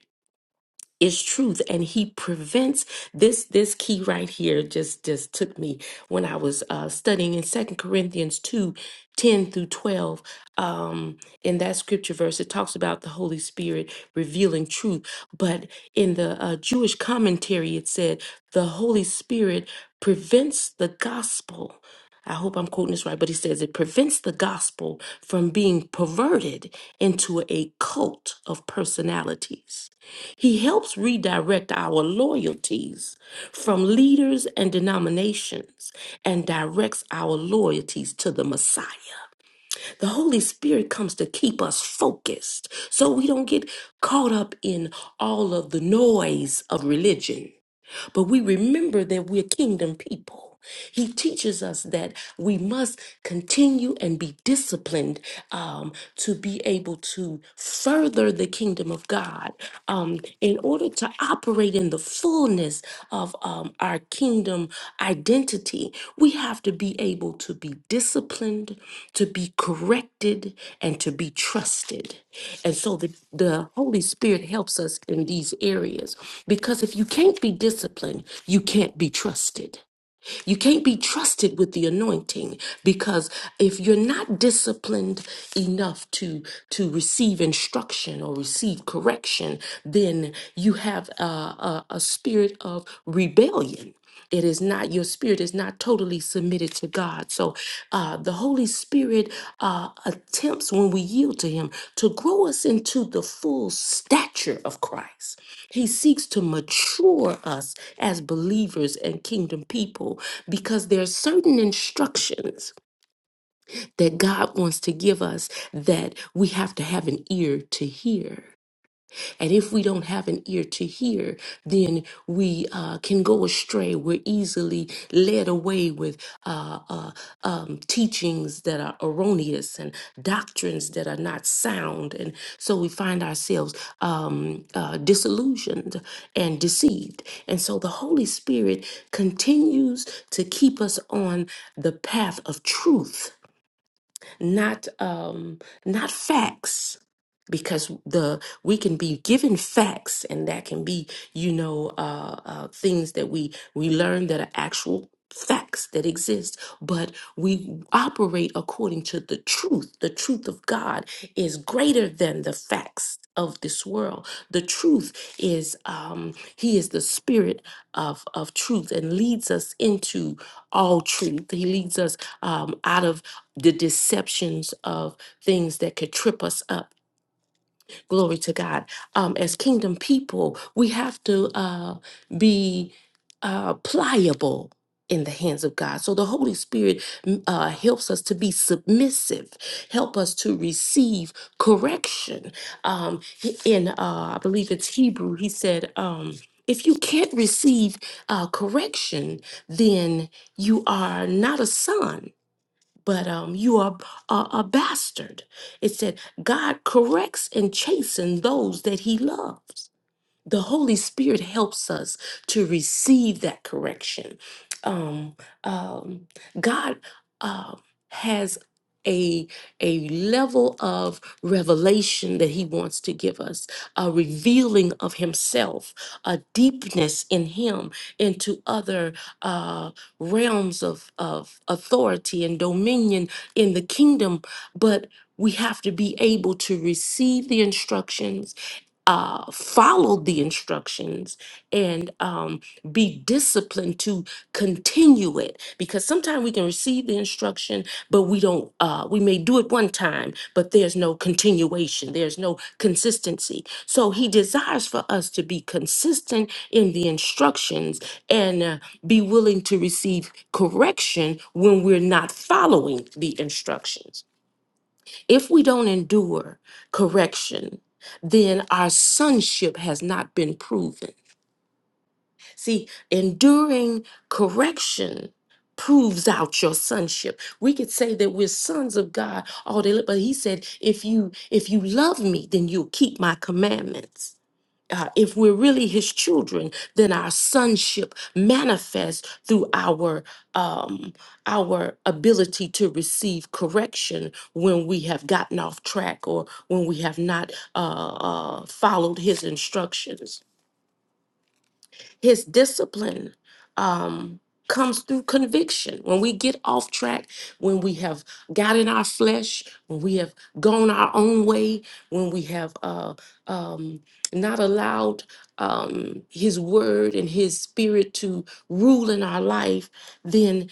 Speaker 10: is truth and he prevents this this key right here just just took me when i was uh studying in second corinthians 2, 10 through 12 um in that scripture verse it talks about the holy spirit revealing truth but in the uh, jewish commentary it said the holy spirit prevents the gospel I hope I'm quoting this right, but he says it prevents the gospel from being perverted into a cult of personalities. He helps redirect our loyalties from leaders and denominations and directs our loyalties to the Messiah. The Holy Spirit comes to keep us focused so we don't get caught up in all of the noise of religion but we remember that we're kingdom people. He teaches us that we must continue and be disciplined um, to be able to further the kingdom of God um, in order to operate in the fullness of um, our our kingdom identity, we have to be able to be disciplined, to be corrected, and to be trusted. And so the, the Holy Spirit helps us in these areas because if you can't be disciplined, you can't be trusted. You can't be trusted with the anointing because if you're not disciplined enough to to receive instruction or receive correction, then you have a, a, a spirit of rebellion it is not your spirit is not totally submitted to god so uh, the holy spirit uh, attempts when we yield to him to grow us into the full stature of christ he seeks to mature us as believers and kingdom people because there are certain instructions that God wants to give us that we have to have an ear to hear. And if we don't have an ear to hear, then we uh, can go astray. We're easily led away with uh, uh, um, teachings that are erroneous and doctrines that are not sound. And so we find ourselves um, uh, disillusioned and deceived. And so the Holy Spirit continues to keep us on the path of truth not um, not facts because the we can be given facts and that can be you know uh, uh, things that we we learn that are actual facts that exist but we operate according to the truth the truth of god is greater than the facts of this world the truth is um he is the spirit of of truth and leads us into all truth he leads us um out of the deceptions of things that could trip us up. Glory to God. Um, as kingdom people, we have to uh, be uh, pliable in the hands of God. So the Holy Spirit mm, uh, helps us to be submissive, help us to receive correction. Um, he- in, uh, I believe it's Hebrew, he said, um, if you can't receive uh, correction, then you are not a son but um, you are a a bastard. It said, God corrects and chastens those that he loves the Holy Spirit helps us to receive that correction. Um, um, God uh, has a a level of revelation that He wants to give us, a revealing of Himself, a deepness in Him into other uh, realms of of authority and dominion in the kingdom, but. We have to be able to receive the instructions uh, follow the instructions and um, be disciplined to continue it because sometimes we can receive the instruction but we don't uh, we may do it one time but there's no continuation there's no consistency so he desires for us to be consistent in the instructions and uh, be willing to receive correction when we're not following the instructions if we don't endure correction, then our sonship has not been proven. See, enduring correction proves out your sonship. We could say that we're sons of God all day, long, but he said, if you if you love me, then you'll keep my commandments uh, if we're really his children, then our sonship manifests through our um, our ability to receive correction when we have gotten off track or when we have not uh, uh, followed his instructions. His discipline um, comes through conviction. When we get off track, when we have got in our flesh, when we have gone our own way, when we have uh, um, not allowed um, His word and His spirit to rule in our life, then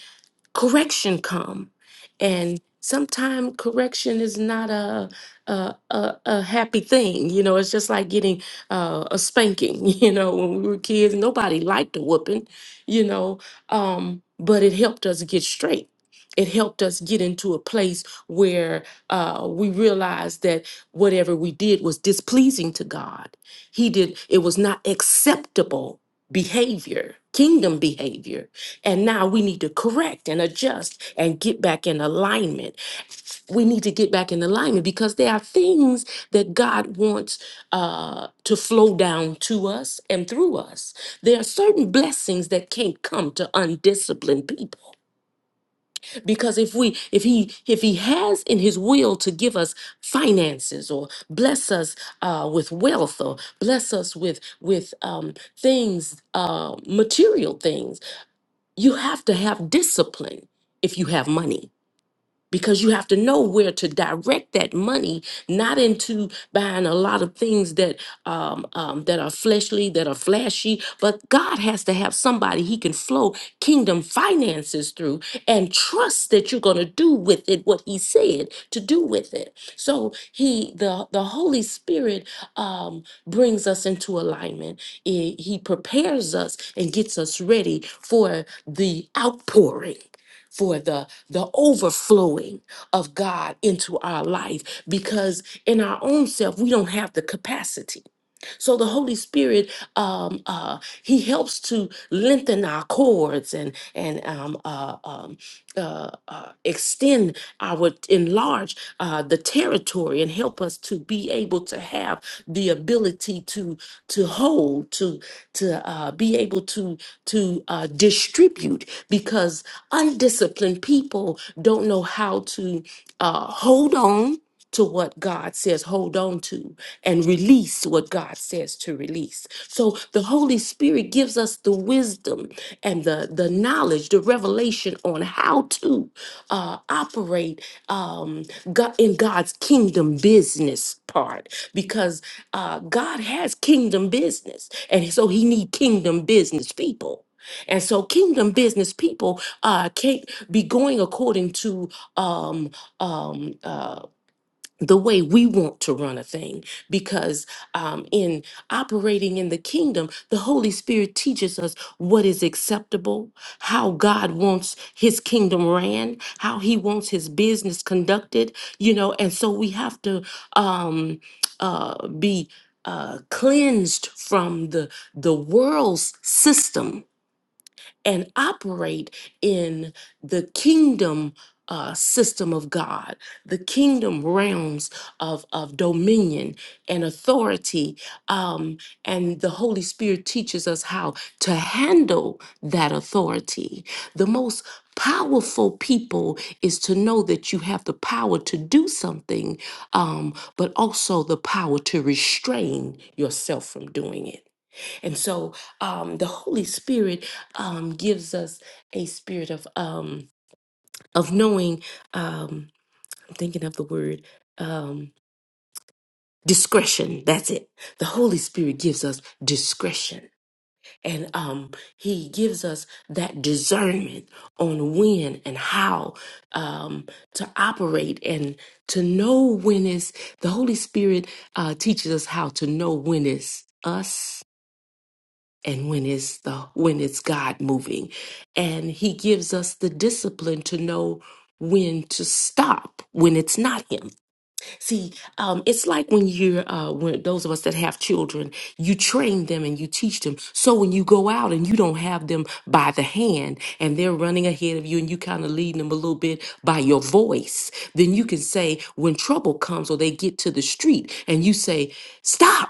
Speaker 10: correction come and sometimes correction is not a a, a a happy thing you know it's just like getting uh, a spanking <laughs> you know when we were kids nobody liked a whooping you know um but it helped us get straight it helped us get into a place where uh, we realized that whatever we did was displeasing to god he did it was not acceptable behavior kingdom behavior and now we need to correct and adjust and get back in alignment. We need to get back in alignment because there are things that God wants uh, to flow down to us and through us. There are certain blessings that can't come to undisciplined people because if we if he if he has in his will to give us finances or bless us uh, with wealth or bless us with with um, things uh, material things you have to have discipline if you have money because you have to know where to direct that money not into buying a lot of things that um, um, that are fleshly that are flashy but god has to have somebody he can flow kingdom finances through and trust that you're going to do with it what he said to do with it so he the the holy spirit um, brings us into alignment he he prepares us and gets us ready for the outpouring for the the overflowing of God into our life because in our own self, we don't have the capacity. So the Holy Spirit, um, uh, He helps to lengthen our cords and and um, uh, um, uh, uh, extend our enlarge uh, the territory and help us to be able to have the ability to to hold to to uh, be able to to uh, distribute because Undisciplined people don't know how to uh, hold on to what God says hold on to and release what God says to release. So the Holy Spirit gives us the wisdom and the, the knowledge, the revelation on how to uh, operate um, God, in God's kingdom business part because uh, God has kingdom business. And so he need kingdom business people. And so kingdom business people uh, can't be going according to um, um, uh, the way we want to run a thing because um, in operating in the kingdom, the Holy Spirit teaches us what is acceptable, how God wants his kingdom ran, how he wants his business conducted, you know, and so we have to um, uh, be uh, cleansed from the the world's system and operate in the kingdom uh, system of God, the kingdom realms of, of dominion and authority. Um, and the Holy Spirit teaches us how to handle that authority. The most powerful people is to know that you have the power to do something, um, but also the power to restrain yourself from doing it. And so um, the Holy Spirit um, gives us a spirit of um, of knowing. Um, I'm thinking of the word um, discretion. That's it. The Holy Spirit gives us discretion, and um, He gives us that discernment on when and how um, to operate and to know when it's. The Holy Spirit uh, teaches us how to know when it's us and when it's the when it's God moving. And he gives us the discipline to know when to stop when it's not him see um it's like when you're uh when those of us that have children you train them and you teach them so when you go out and you don't have them by the hand and they're running ahead of you and you kind of leading them a little bit by your voice then you can say when trouble comes or they get to the street and you say stop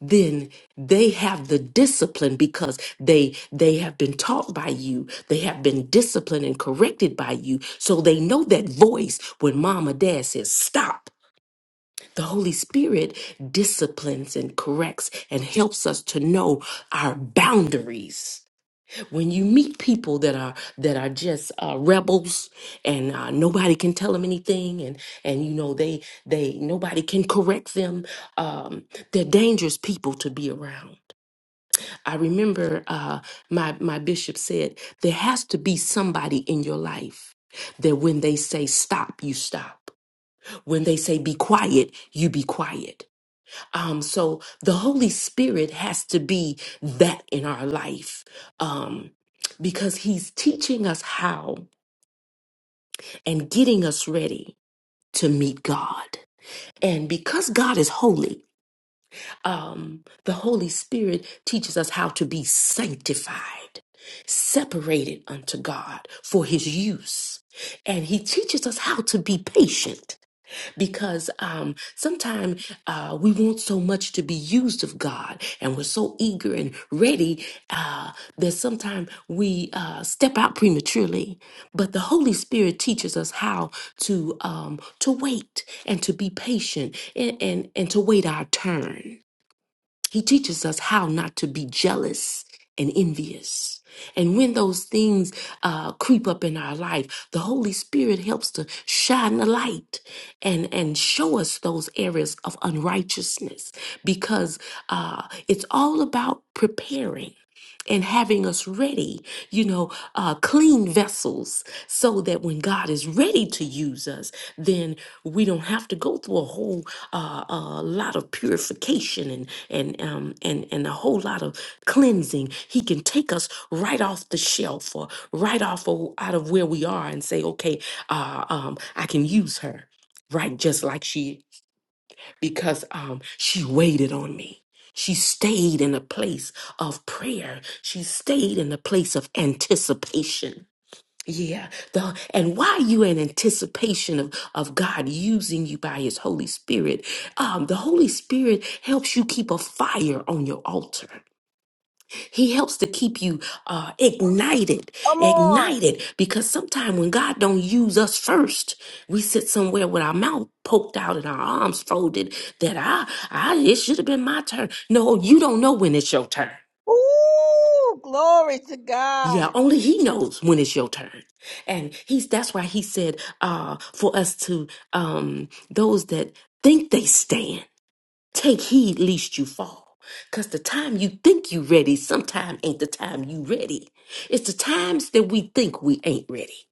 Speaker 10: then they have the discipline because they they have been taught by you they have been disciplined and corrected by you so they know that voice when mom or dad says stop the holy spirit disciplines and corrects and helps us to know our boundaries when you meet people that are that are just uh, rebels and uh, nobody can tell them anything and and you know they they nobody can correct them um, they're dangerous people to be around I remember uh, my my bishop said there has to be somebody in your life that when they say stop, you stop. When they say be quiet, you be quiet. Um, so the Holy Spirit has to be that in our life um, because He's teaching us how and getting us ready to meet God. And because God is holy, um, the Holy Spirit teaches us how to be sanctified, separated unto God for His use. And He teaches us how to be patient because um, sometimes uh, we want so much to be used of God and we're so eager and ready uh, that sometimes we uh, step out prematurely. But the Holy Spirit teaches us how to um, to wait and to be patient and, and, and to wait our turn. He teaches us how not to be jealous and envious. And when those things uh, creep up in our life, the Holy Spirit helps to shine the light and, and show us those areas of unrighteousness because uh, it's all about preparing and having us ready, you know, uh, clean vessels so that when God is ready to use us, then we don't have to go through a whole uh, uh, lot of purification and and um and and a whole lot of cleansing he can take us right off the shelf or right off of, out of where we are and say okay uh um i can use her right just like she because um she waited on me she stayed in a place of prayer she stayed in a place of anticipation yeah, the and while you in anticipation of of God using you by His Holy Spirit, um, the Holy Spirit helps you keep a fire on your altar. He helps to keep you uh, ignited,
Speaker 9: Come on.
Speaker 10: ignited. Because sometimes when God don't use us first, we sit somewhere with our mouth poked out and our arms folded. That I, I, it should have been my turn. No, you don't know when it's your turn.
Speaker 9: Ooh, glory to
Speaker 10: Yeah,
Speaker 9: God.
Speaker 10: only he knows when it's your turn. And he's that's why he said uh for us to um those that think they stand, take heed lest you fall. Cause the time you think you ready, sometime ain't the time you ready. It's the times that we think we ain't ready.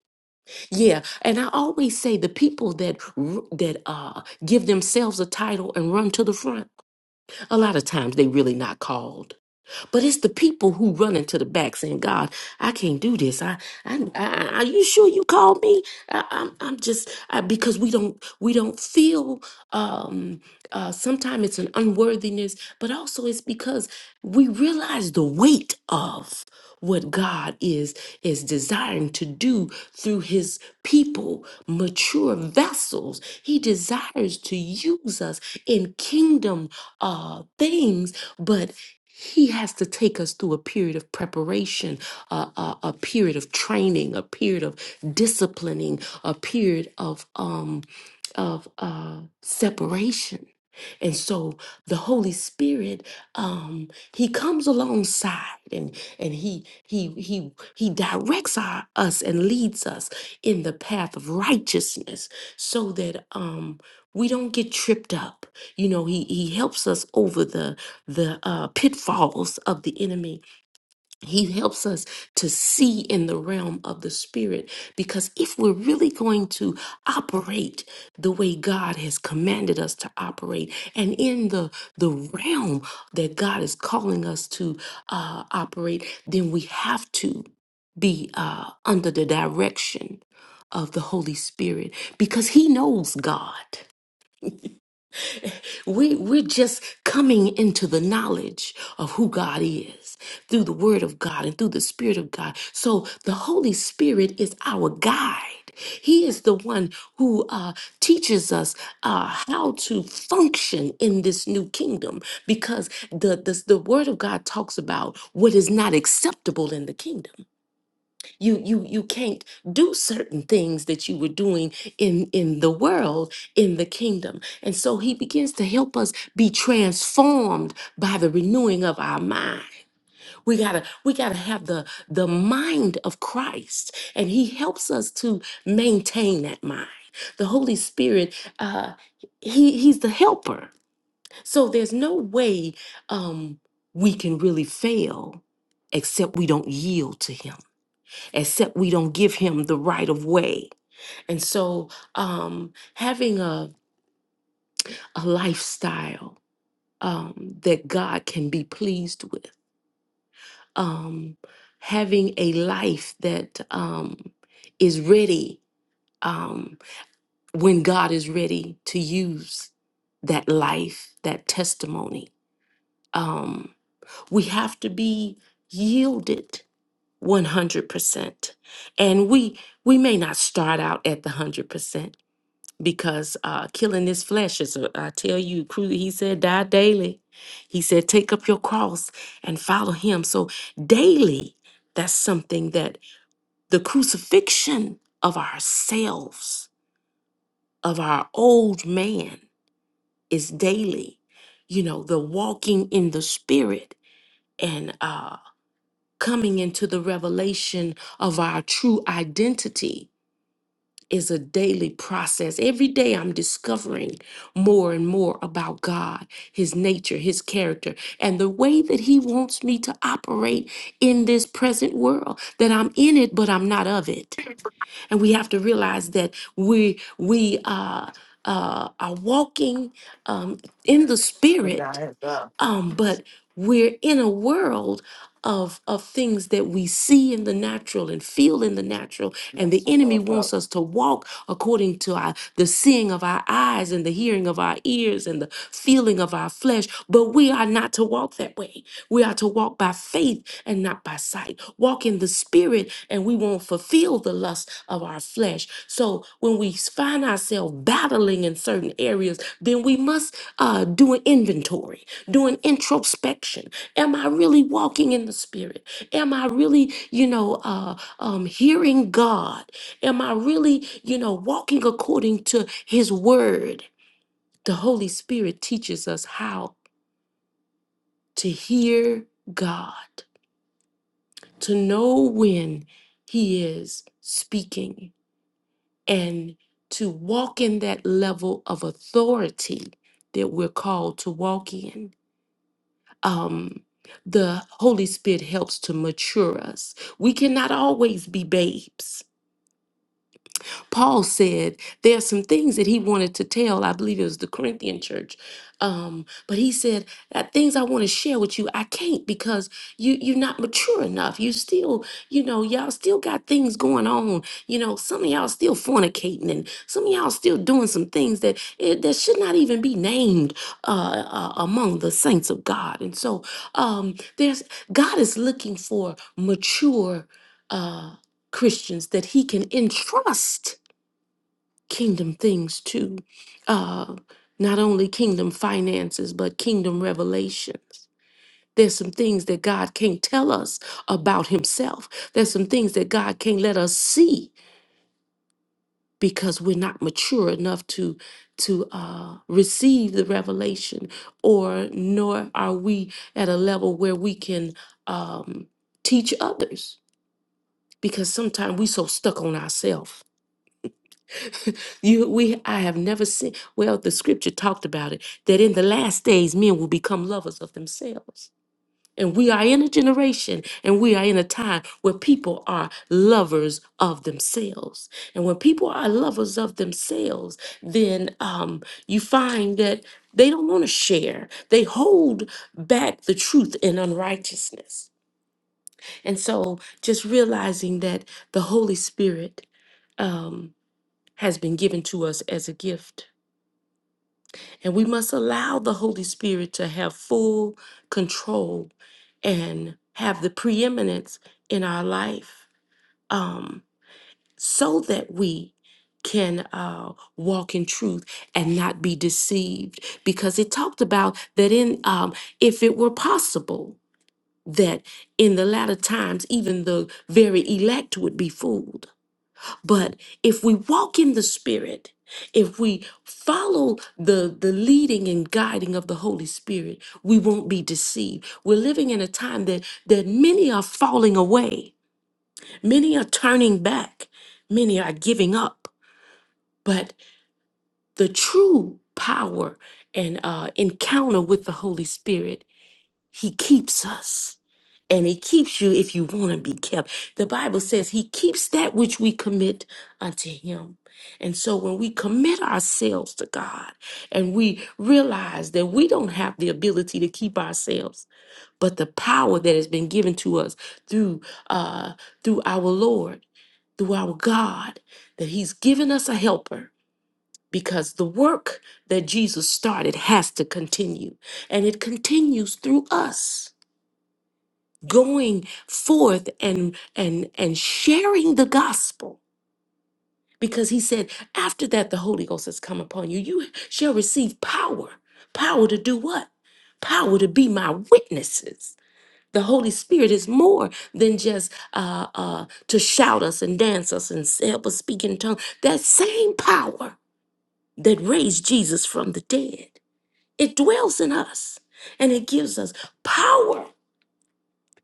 Speaker 10: Yeah, and I always say the people that r- that uh give themselves a title and run to the front, a lot of times they really not called but it's the people who run into the back saying, God, I can't do this. I, I, I are you sure you called me? I, I'm, I'm just, I, because we don't, we don't feel, um, uh, sometimes it's an unworthiness, but also it's because we realize the weight of what God is, is desiring to do through his people, mature vessels. He desires to use us in kingdom uh, things but he has to take us through a period of preparation, a, a, a period of training, a period of disciplining, a period of um of uh separation. And so the Holy Spirit, um, he comes alongside and and he he he he directs our, us and leads us in the path of righteousness, so that um we don't get tripped up. You know, he he helps us over the the uh, pitfalls of the enemy. He helps us to see in the realm of the spirit because if we're really going to operate the way God has commanded us to operate and in the the realm that God is calling us to uh, operate, then we have to be uh, under the direction of the Holy Spirit because He knows God. We, we're just coming into the knowledge of who God is through the Word of God and through the Spirit of God. So the Holy Spirit is our guide. He is the one who uh, teaches us uh, how to function in this new kingdom because the, the, the Word of God talks about what is not acceptable in the kingdom you you you can't do certain things that you were doing in in the world in the kingdom and so he begins to help us be transformed by the renewing of our mind we gotta we gotta have the the mind of christ and he helps us to maintain that mind the holy spirit uh he he's the helper so there's no way um we can really fail except we don't yield to him except we don't give him the right of way. And so, um, having a, a lifestyle um, that God can be pleased with, um, having a life that um, is ready um, when God is ready to use that life, that testimony. Um, we have to be yielded 100%. And we we may not start out at the 100%, because uh, killing this flesh is, a- I tell you, cru- he said, die daily. He said, take up your cross and follow him. So, daily, that's something that the crucifixion of ourselves, of our old man, is daily. You know, the walking in the spirit and uh, coming into the revelation of our true identity is a daily process. Every day I'm discovering more and more about God, His nature, His character, and the way that He wants me to operate in this present world. That I'm in it, but I'm not of it. And we have to realize that we we uh, uh, are walking um, in the
Speaker 11: Put at
Speaker 10: Spirit
Speaker 11: hands up.
Speaker 10: um, but we're in a world of of things that we see in the natural and feel in the natural
Speaker 11: You
Speaker 10: and
Speaker 11: got
Speaker 10: the
Speaker 11: some
Speaker 10: enemy
Speaker 11: broke up.
Speaker 10: wants us to walk according to our the seeing of our eyes and the hearing of our ears and the feeling of our flesh but we are not to walk that way we are to walk by faith and not by sight walk in the spirit and we won't fulfill the lust of our flesh so when we find ourselves battling in certain areas then we must uh, do an inventory doing introspection. Am I really walking in the spirit? Am I really, you know, uh, um, hearing God? Am I really, you know, walking according to his word? The Holy Spirit teaches us how to hear God, to know when he is speaking, and to walk in that level of authority that we're called to walk in. um, the Holy Spirit helps to mature us. We cannot always be babes. Paul said there are some things that he wanted to tell. I believe it was the Corinthian church. Um, but he said that things I want to share with you, I can't because you you're not mature enough. You still, you know, y'all still got things going on. You know, some of y'all still fornicating and some of y'all still doing some things that it, that should not even be named uh, uh, among the saints of God. And so um, there's God is looking for mature uh, Christians that He can entrust kingdom things too. Uh, not only kingdom finances, but kingdom revelations. There's some things that God can't tell us about Himself. There's some things that God can't let us see because we're not mature enough to to uh, receive the revelation, or nor are we at a level where we can um, teach others. Because sometimes we so stuck on ourselves <laughs> you we I have never seen well the scripture talked about it that in the last days men will become lovers of themselves. And we are in a generation and we are in a time where people are lovers of themselves. And when people are lovers of themselves, then um, you find that they don't want to share. They hold back the truth in unrighteousness. And so just realizing that the Holy Spirit um, has been given to us as a gift And we must allow the Holy Spirit to have full control and have the preeminence in our life um, so that we can uh, walk in truth and not be deceived. Because it talked about that in, um, if it were possible, that in the latter times, even the very elect would be fooled. But if we walk in the Spirit, if we follow the, the leading and guiding of the Holy Spirit, we won't be deceived. We're living in a time that, that many are falling away, many are turning back, many are giving up. But the true power and uh, encounter with the Holy Spirit he keeps us. And he keeps you if you want to be kept. The Bible says he keeps that which we commit unto him. And so when we commit ourselves to God and we realize that we don't have the ability to keep ourselves, but the power that has been given to us through uh through our Lord, through our God, that he's given us a helper because the work that Jesus started has to continue and it continues through us going forth and and and sharing the gospel because he said after that the holy ghost has come upon you you shall receive power power to do what power to be my witnesses the holy spirit is more than just uh uh to shout us and dance us and s- help us speak in tongues that same power that raised jesus from the dead it dwells in us and it gives us power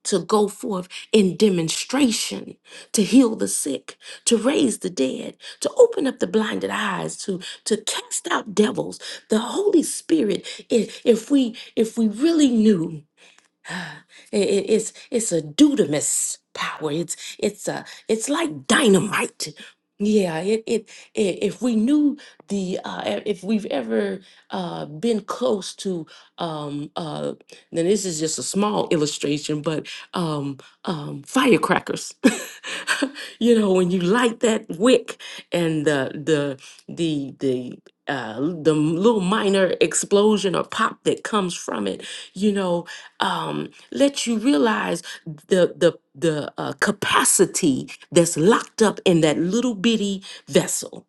Speaker 10: to go forth in demonstration, to heal the sick, to raise the dead, to open up the blinded eyes, to to cast out devils. The Holy Spirit, if, if we if we really knew <gasps> It- it- it's it's a dudamus power. It's it's a it's like dynamite. Yeah, it, it it if we knew the uh e- if we've ever uh been close to um uh then this is just a small illustration, but um um firecrackers. <laughs> you know, when you light that wick and the the the the uh, the little minor explosion or pop that comes from it, you know, um, let you realize the the the uh, capacity that's locked up in that little bitty vessel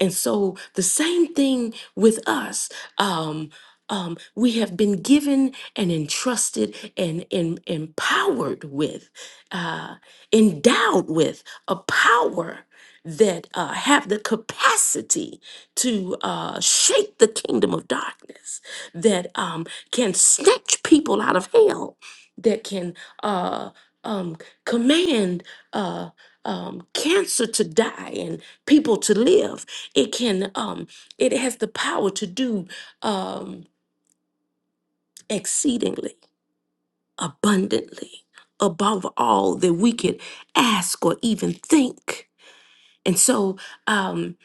Speaker 10: and so the same thing with us. Um, um, we have been given and entrusted and, and empowered with, uh, endowed with a power that uh, have the capacity to uh, shake the kingdom of darkness, that um, can snatch people out of hell, that can uh, um, command uh, um, cancer to die and people to live it can um it has the power to do um exceedingly abundantly above all that we could ask or even think and so um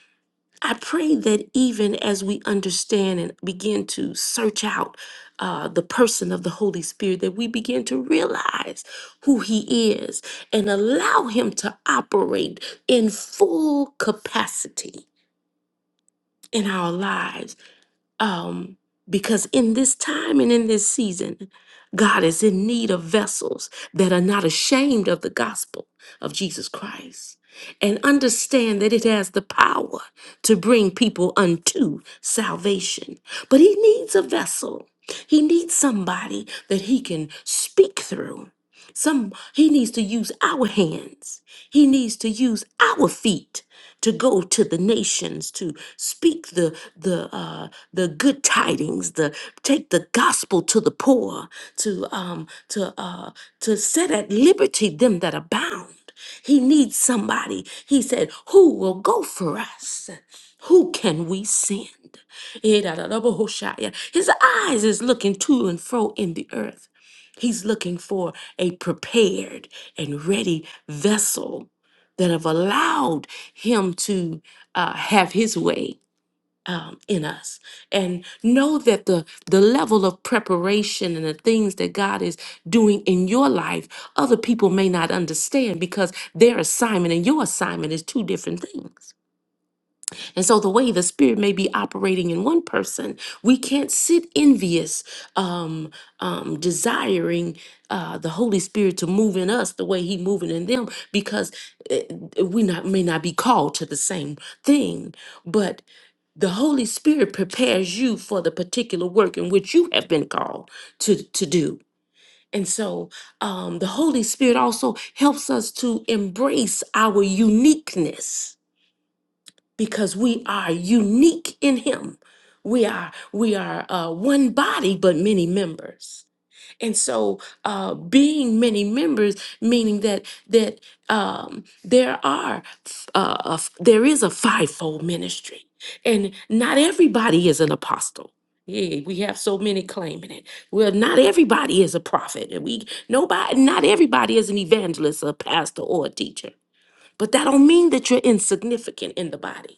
Speaker 10: i pray that even as we understand and begin to search out uh, the person of the Holy Spirit, that we begin to realize who He is and allow Him to operate in full capacity in our lives um, because in this time and in this season, God is in need of vessels that are not ashamed of the gospel of Jesus Christ and understand that it has the power to bring people unto salvation. But He needs a vessel, He needs somebody that He can speak through. Some he needs to use our hands. He needs to use our feet to go to the nations to speak the the uh, the good tidings, the take the gospel to the poor, to um to uh to set at liberty them that are bound. He needs somebody. He said, "Who will go for us? Who can we send?" Eh, da, da, da, bo, ho, sha, yeah. His eyes is looking to and fro in the earth. He's looking for a prepared and ready vessel that have allowed him to uh, have his way um, in us and know that the the level of preparation and the things that God is doing in your life other people may not understand because their assignment and your assignment is two different things and so, the way the Spirit may be operating in one person, we can't sit envious, um, um, desiring uh, the Holy Spirit to move in us the way He moving in them, because uh, we not, may not be called to the same thing. But the Holy Spirit prepares you for the particular work in which you have been called to to do. And so, um, the Holy Spirit also helps us to embrace our uniqueness because we are unique in him we are we are uh, one body but many members and so uh, being many members meaning that that um, there are uh, a f- there is a fivefold ministry and not everybody is an apostle yeah, we have so many claiming it. Well, not everybody is a prophet, and we nobody, not everybody is an evangelist, a pastor, or a teacher. But that don't mean that you're insignificant in the body.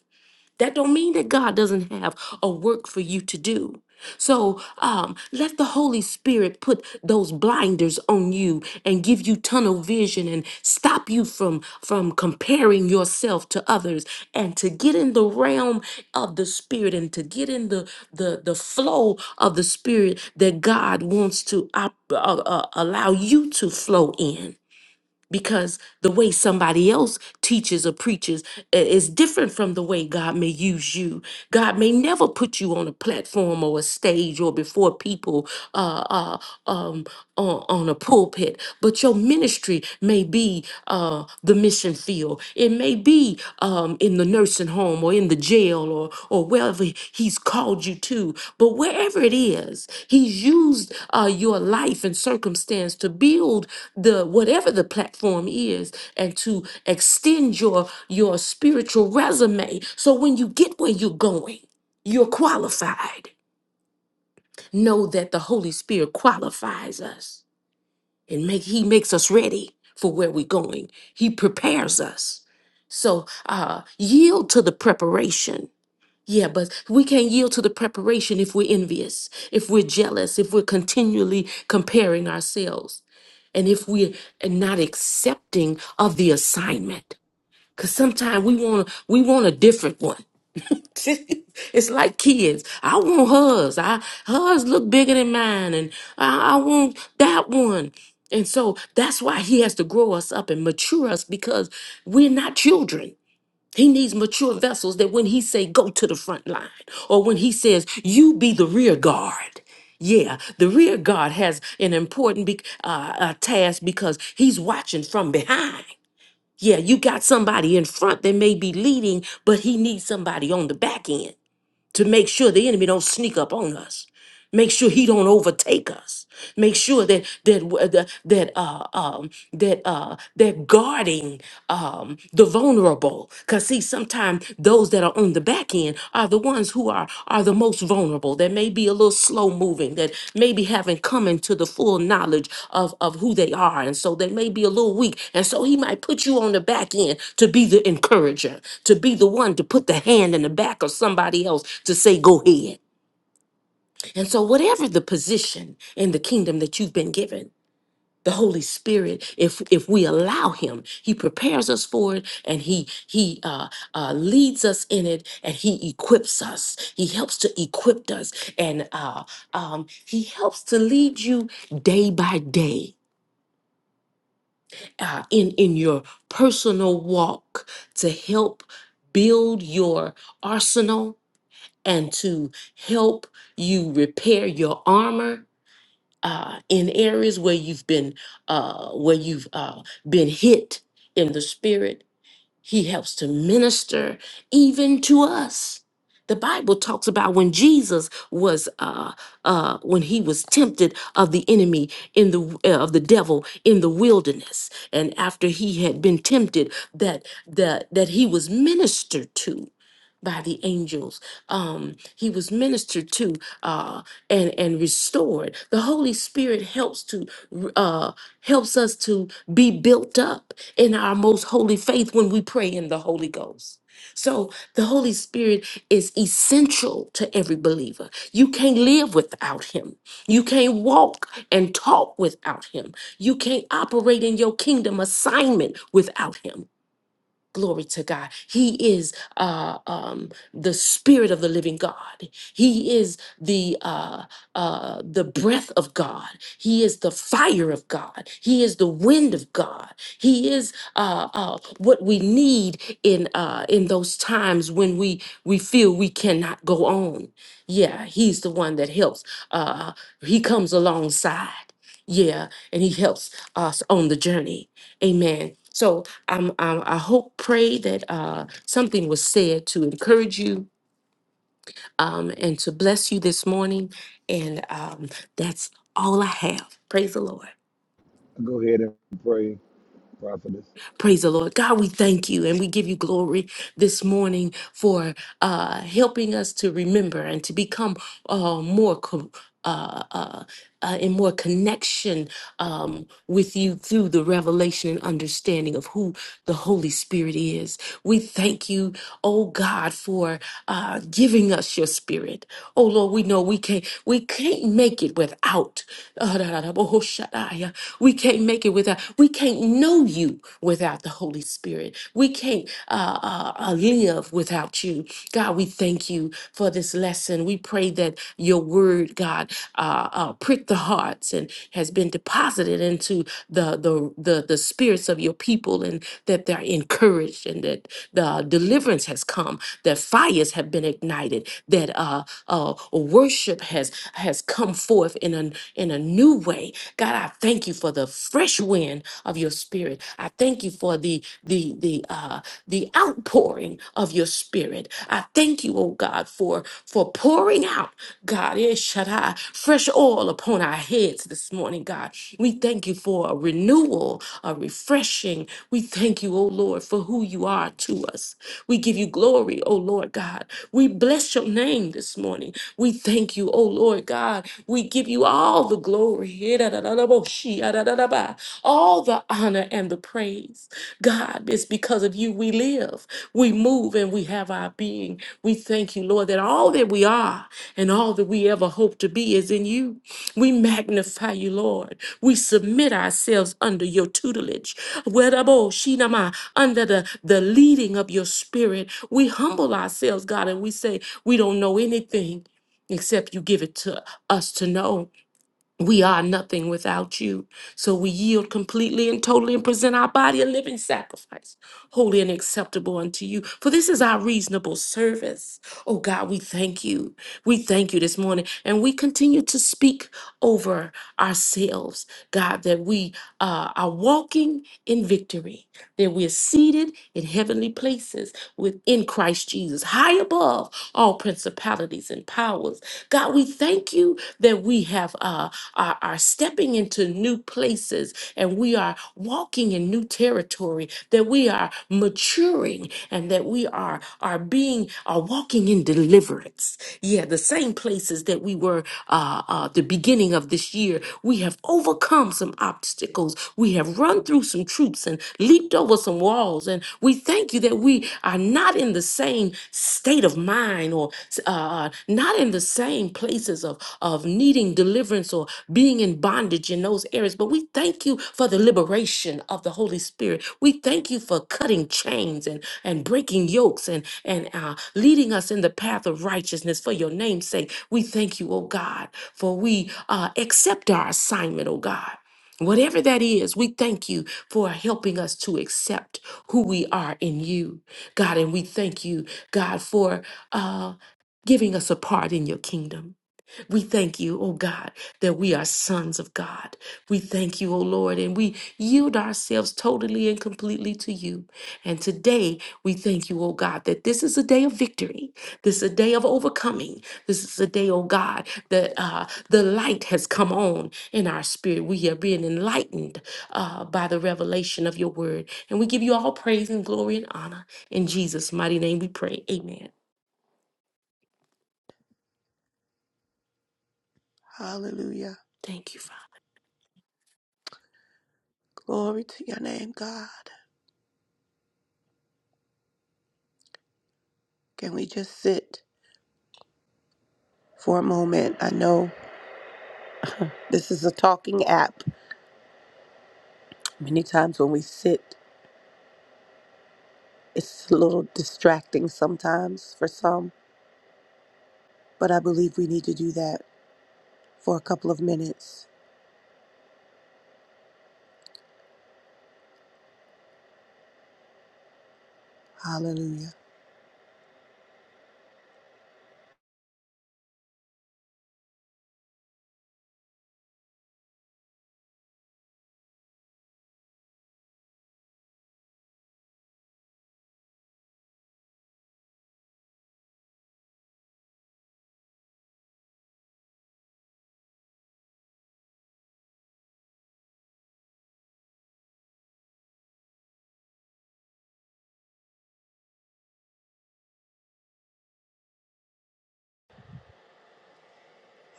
Speaker 10: That don't mean that God doesn't have a work for you to do. So um, let the Holy Spirit put those blinders on you and give you tunnel vision and stop you from from comparing yourself to others and to get in the realm of the Spirit and to get in the the the flow of the Spirit that God wants to op- uh, uh, allow you to flow in because the way somebody else teaches or preaches i- is different from the way God may use you. God may never put you on a platform or a stage or before people uh, uh, um, on, on a pulpit, but your ministry may be uh, the mission field. It may be um, in the nursing home or in the jail or or wherever he's called you to. But wherever it is, he's used uh, your life and circumstance to build the whatever the platform is and to extend your your spiritual resume. So when you get where you're going, you're qualified. Know that the Holy Spirit qualifies us and make he makes us ready for where we're going he prepares us so uh yield to the preparation yeah but we can't yield to the preparation if we're envious if we're jealous if we're continually comparing ourselves and if we're not accepting of the assignment Cause sometimes we want we want a different one. <laughs> it's like kids. I want hers. I hers look bigger than mine, and I, I want that one. And so that's why he has to grow us up and mature us because we're not children. He needs mature vessels that when he say go to the front line, or when he says you be the rear guard, yeah, the rear guard has an important bec- uh, uh, task because he's watching from behind. Yeah, you got somebody in front that may be leading, but he needs somebody on the back end to make sure the enemy don't sneak up on us make sure he don't overtake us make sure that that w- the- that uh um that uh that guarding um the vulnerable because see sometimes those that are on the back end are the ones who are are the most vulnerable that may be a little slow moving that maybe haven't come into the full knowledge of of who they are and so they may be a little weak and so he might put you on the back end to be the encourager to be the one to put the hand in the back of somebody else to say, go ahead. And so, whatever the position in the kingdom that you've been given, the Holy Spirit, if if we allow Him, He prepares us for it, and He He uh, uh, leads us in it, and He equips us. He helps to equip us, and uh, um, He helps to lead you day by day uh, in in your personal walk to help build your arsenal and to help you repair your armor uh, in areas where you've been uh, where you've uh, been hit in the spirit he helps to minister even to us. The Bible talks about when Jesus was, uh, uh, when he was tempted of the enemy in the uh, of the devil in the wilderness, and after he had been tempted, that that that he was ministered to by the angels. Um, he was ministered to uh, and and restored. The Holy Spirit helps to uh, helps us to be built up in our most holy faith when we pray in the Holy Ghost. So the Holy Spirit is essential to every believer. You can't live without him. You can't walk and talk without him. You can't operate in your kingdom assignment without him. Glory to God. He is uh, um, the Spirit of the Living God. He is the uh, uh, the breath of God. He is the fire of God. He is the wind of God. He is uh, uh, what we need in uh, in those times when we we feel we cannot go on. Yeah, He's the one that helps. Uh, he comes alongside. Yeah, and He helps us on the journey. Amen. So I'm, I'm, I hope, pray that uh, something was said to encourage you um, and to bless you this morning. And um, that's all I have. Praise the Lord.
Speaker 1: Go ahead and pray, prophetess.
Speaker 10: Praise the Lord. God, we thank you and we give you glory this morning for uh, helping us to remember and to become uh, more. co- uh, uh, uh, in more connection um, with you through the revelation and understanding of who the Holy Spirit is. We thank you, oh God, for uh, giving us your Spirit. Oh Lord, we know we can't we can't make it without. We can't make it without, we can't know you without the Holy Spirit. We can't uh, uh, uh, live without you. God, we thank you for this lesson. We pray that your word, God, uh, uh, prick the hearts and has been deposited into the, the, the, the spirits of your people and that they're encouraged and that the deliverance has come, that fires have been ignited, that uh, uh, worship has has come forth in a, in a new way God, I thank you for the fresh wind of your spirit. I thank you for the the the uh the outpouring of your spirit. I thank you, oh God, for for pouring out, God, eh, shaddai, fresh oil upon our heads this morning, God. We thank you for a renewal, a refreshing. We thank you, oh Lord, for who you are to us. We give you glory, oh Lord God. We bless your name this morning. We thank you, oh Lord God. We give you all the glory, all the honor and the praise. God, it's because of you we live, we move, and we have our being. We thank you, Lord, that all that we are and all that we ever hope to be is in you. We magnify you, Lord. We submit ourselves under your tutelage, Wedabo shinama, under the, the leading of your spirit. We humble ourselves, God, and we say, We don't know anything except you give it to us to know we are nothing without you. So we yield completely and totally and present our body a living sacrifice, holy and acceptable unto you. For this is our reasonable service. Oh God, we thank you. We thank you this morning. And we continue to speak over ourselves, God, that we uh, are walking in victory, that we are seated in heavenly places within Christ Jesus, high above all principalities and powers. God, we thank you that we have. uh, are, are stepping into new places and we are walking in new territory, that we are maturing and that we are, are being, are walking in deliverance. Yeah, the same places that we were uh, uh, the beginning of this year. We have overcome some obstacles. We have run through some troops and leaped over some walls. And we thank you that we are not in the same state of mind or uh, uh, not in the same places of, of of needing deliverance or being in bondage in those areas. But we thank you for the liberation of the Holy Spirit. We thank you for cutting chains and, and breaking yokes and, and uh, leading us in the path of righteousness for your name's sake. We thank you, oh God, for we uh, accept our assignment, oh God. Whatever that is, we thank you for helping us to accept who we are in you, God. And we thank you, God, for uh, giving us a part in your kingdom. We thank you, O God, that we are sons of God. We thank you, O Lord, and we yield ourselves totally and completely to you. And today, we thank you, O God, that this is a day of victory. This is a day of overcoming. This is a day, O God, that uh, the light has come on in our spirit. We are being enlightened uh, by the revelation of your word. And we give you all praise and glory and honor. In Jesus' mighty name we pray. Amen. Thank you, Father.
Speaker 9: for a moment. I know this is a talking app. Many times when we sit, it's a little distracting sometimes for some, but I believe we need to do that for a couple of minutes. Hallelujah.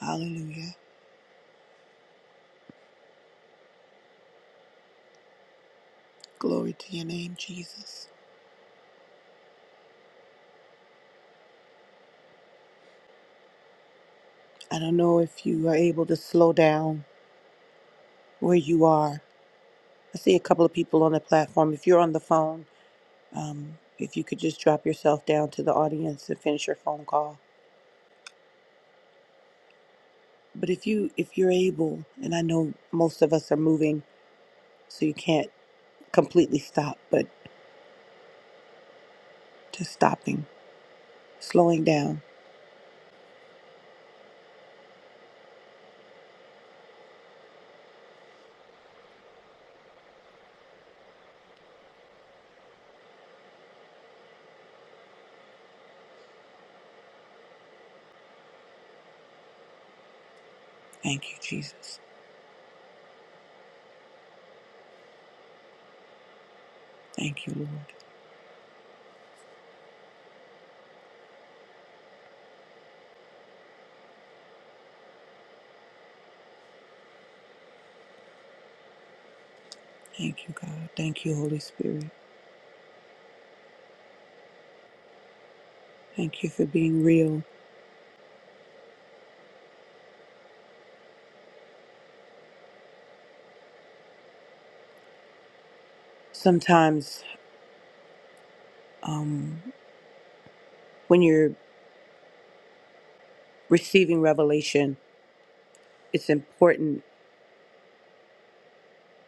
Speaker 9: Hallelujah. Glory to your name, Jesus. I don't know if you are able to slow down where you are. I see a couple of people on the platform. If you're on the phone, um, if you could just drop yourself down to the audience and finish your phone call. But if you if you're able, and I know most of us are moving, so you can't completely stop, but just stopping, slowing down. Thank you, thank, thank you, God. Thank you, Holy Spirit. Thank you for being real. Sometimes um, when you're receiving revelation it's important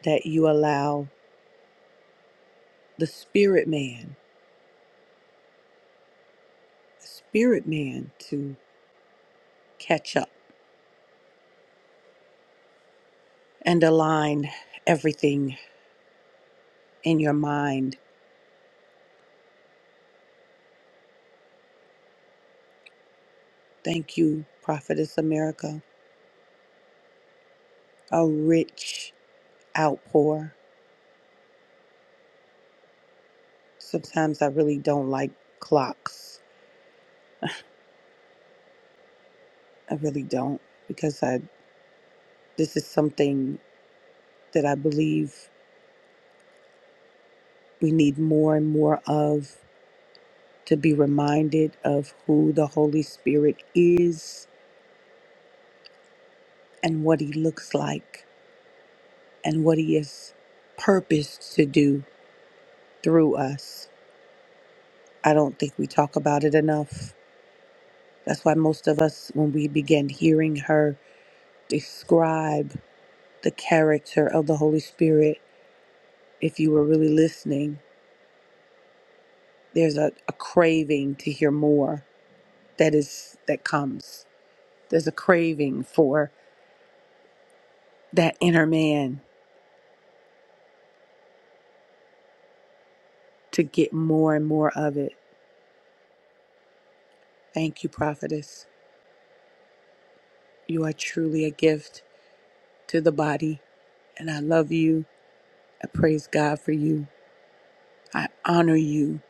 Speaker 9: that you allow the spirit man, the spirit man to catch up and align everything in your mind. Thank you, Prophetess America. A rich outpour. Sometimes I really don't like clocks. I really don't because I this is something that I believe we need more and more of to be reminded of who the Holy Spirit is and what he looks like and what He has purposed to do through us. I don't think we talk about it enough. That's why most of us, when we begin hearing her describe the character of the Holy Spirit, if you were really listening, there's a, a craving to hear more that is that comes. There's a craving for that inner man to get more and more of it. Thank you, prophetess. You are truly a gift to the body, and I love you I praise God for you. I honor you.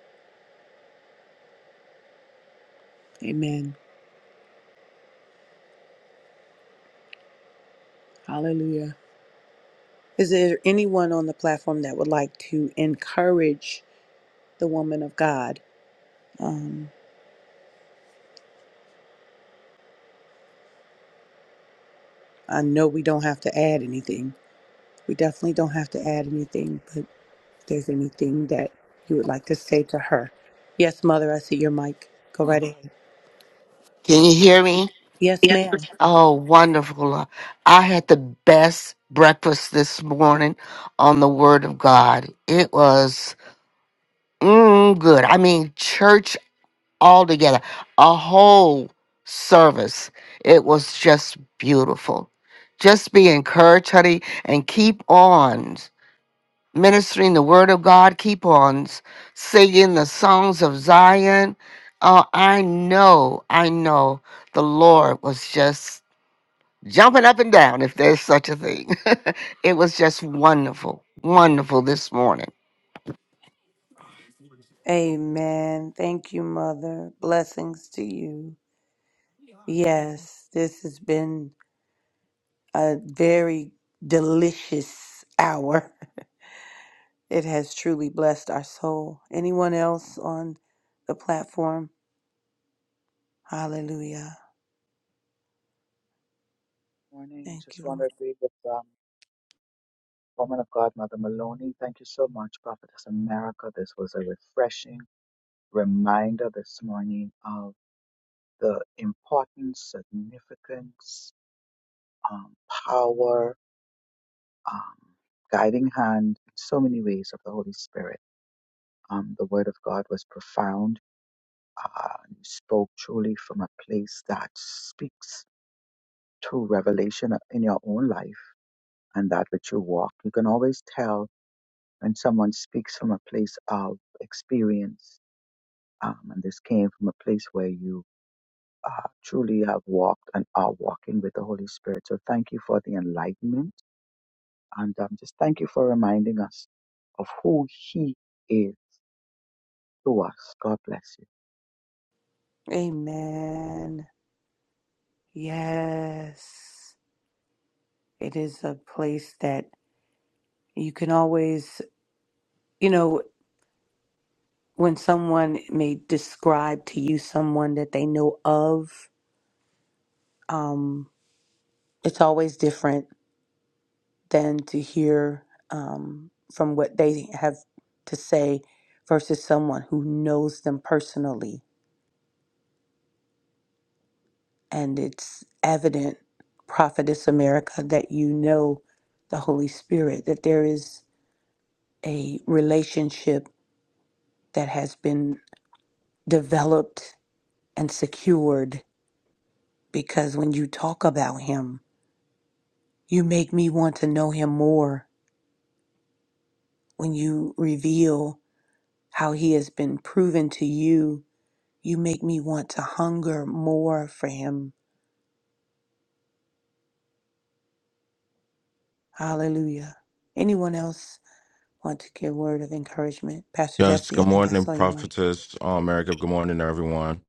Speaker 9: Amen. Hallelujah. Is there anyone on the platform that would like to encourage the woman of God? Um, I know we don't have to add anything. We definitely don't have to add anything, but if there's anything that you would like to say to her. Yes, Mother, I see your mic. Go right ahead.
Speaker 7: Can you hear me?
Speaker 9: Yes, ma'am.
Speaker 7: Oh, wonderful. I had the best breakfast this morning on the Word of God. It was mm, good. I mean, church altogether, a whole service. It was just beautiful. Just be encouraged, honey, and keep on ministering the Word of God. Keep on singing the songs of Zion. Uh, I know, I know the Lord was just jumping up and down if there's such a thing. <laughs> it was just wonderful, wonderful this morning.
Speaker 9: Amen. Thank you, Mother. Blessings to you. Yes, this has been. a very delicious hour. <laughs> It has truly blessed our soul. Anyone else on the platform? Hallelujah. Thank you, Lord. Amen. Yes. It is a place that you can always, you know, when someone may describe to you someone that they know of, um, it's always different than to hear um, from what they have to say versus someone who knows them personally. And it's evident, Prophetess America, that you know the Holy Spirit, that there is a relationship that has been developed and secured because when you talk about Him, you make me want to know Him more. When you reveal how He has been proven to you You make me want to hunger more for him. Hallelujah. Anyone else want to give a word of encouragement? Pastor
Speaker 12: Yes,
Speaker 9: Jesse, I
Speaker 12: good
Speaker 9: think I
Speaker 12: morning,
Speaker 9: saw your mic.
Speaker 12: prophetess uh, America. Good morning, everyone.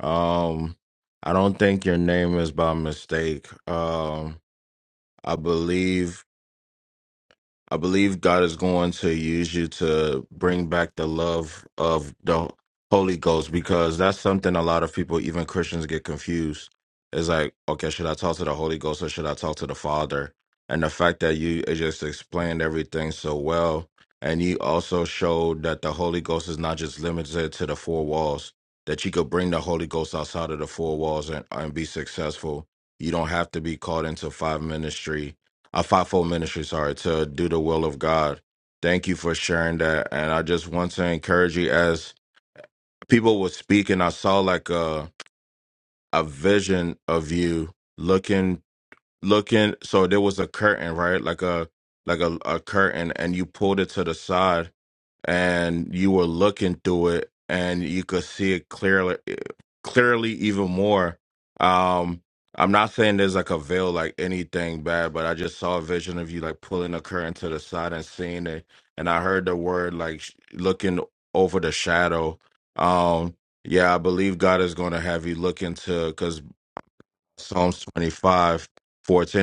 Speaker 12: Um, I don't think your name is by mistake. Um, I believe I believe God is going to use you to bring back the love of the Holy Ghost because that's something a lot of people, even Christians, get confused. It's like, okay, should I talk to the Holy Ghost or should I talk to the Father? And the fact that you just explained everything so well, and you also showed that the Holy Ghost is not just limited to the four walls, that you could bring the Holy Ghost outside of the four walls and, and be successful. You don't have to be called into five ministry a fivefold ministry, sorry, to do the will of God. Thank you for sharing that. And I just want to encourage you as people were speaking, I saw like a a vision of you looking looking so there was a curtain, right? Like a like a, a curtain and you pulled it to the side and you were looking through it and you could see it clearly clearly even more um i'm not saying there's like a veil like anything bad but i just saw a vision of you like pulling a curtain to the side and seeing it and i heard the word like sh- looking over the shadow um yeah i believe god is going to have you look into because. Psalms 25:14.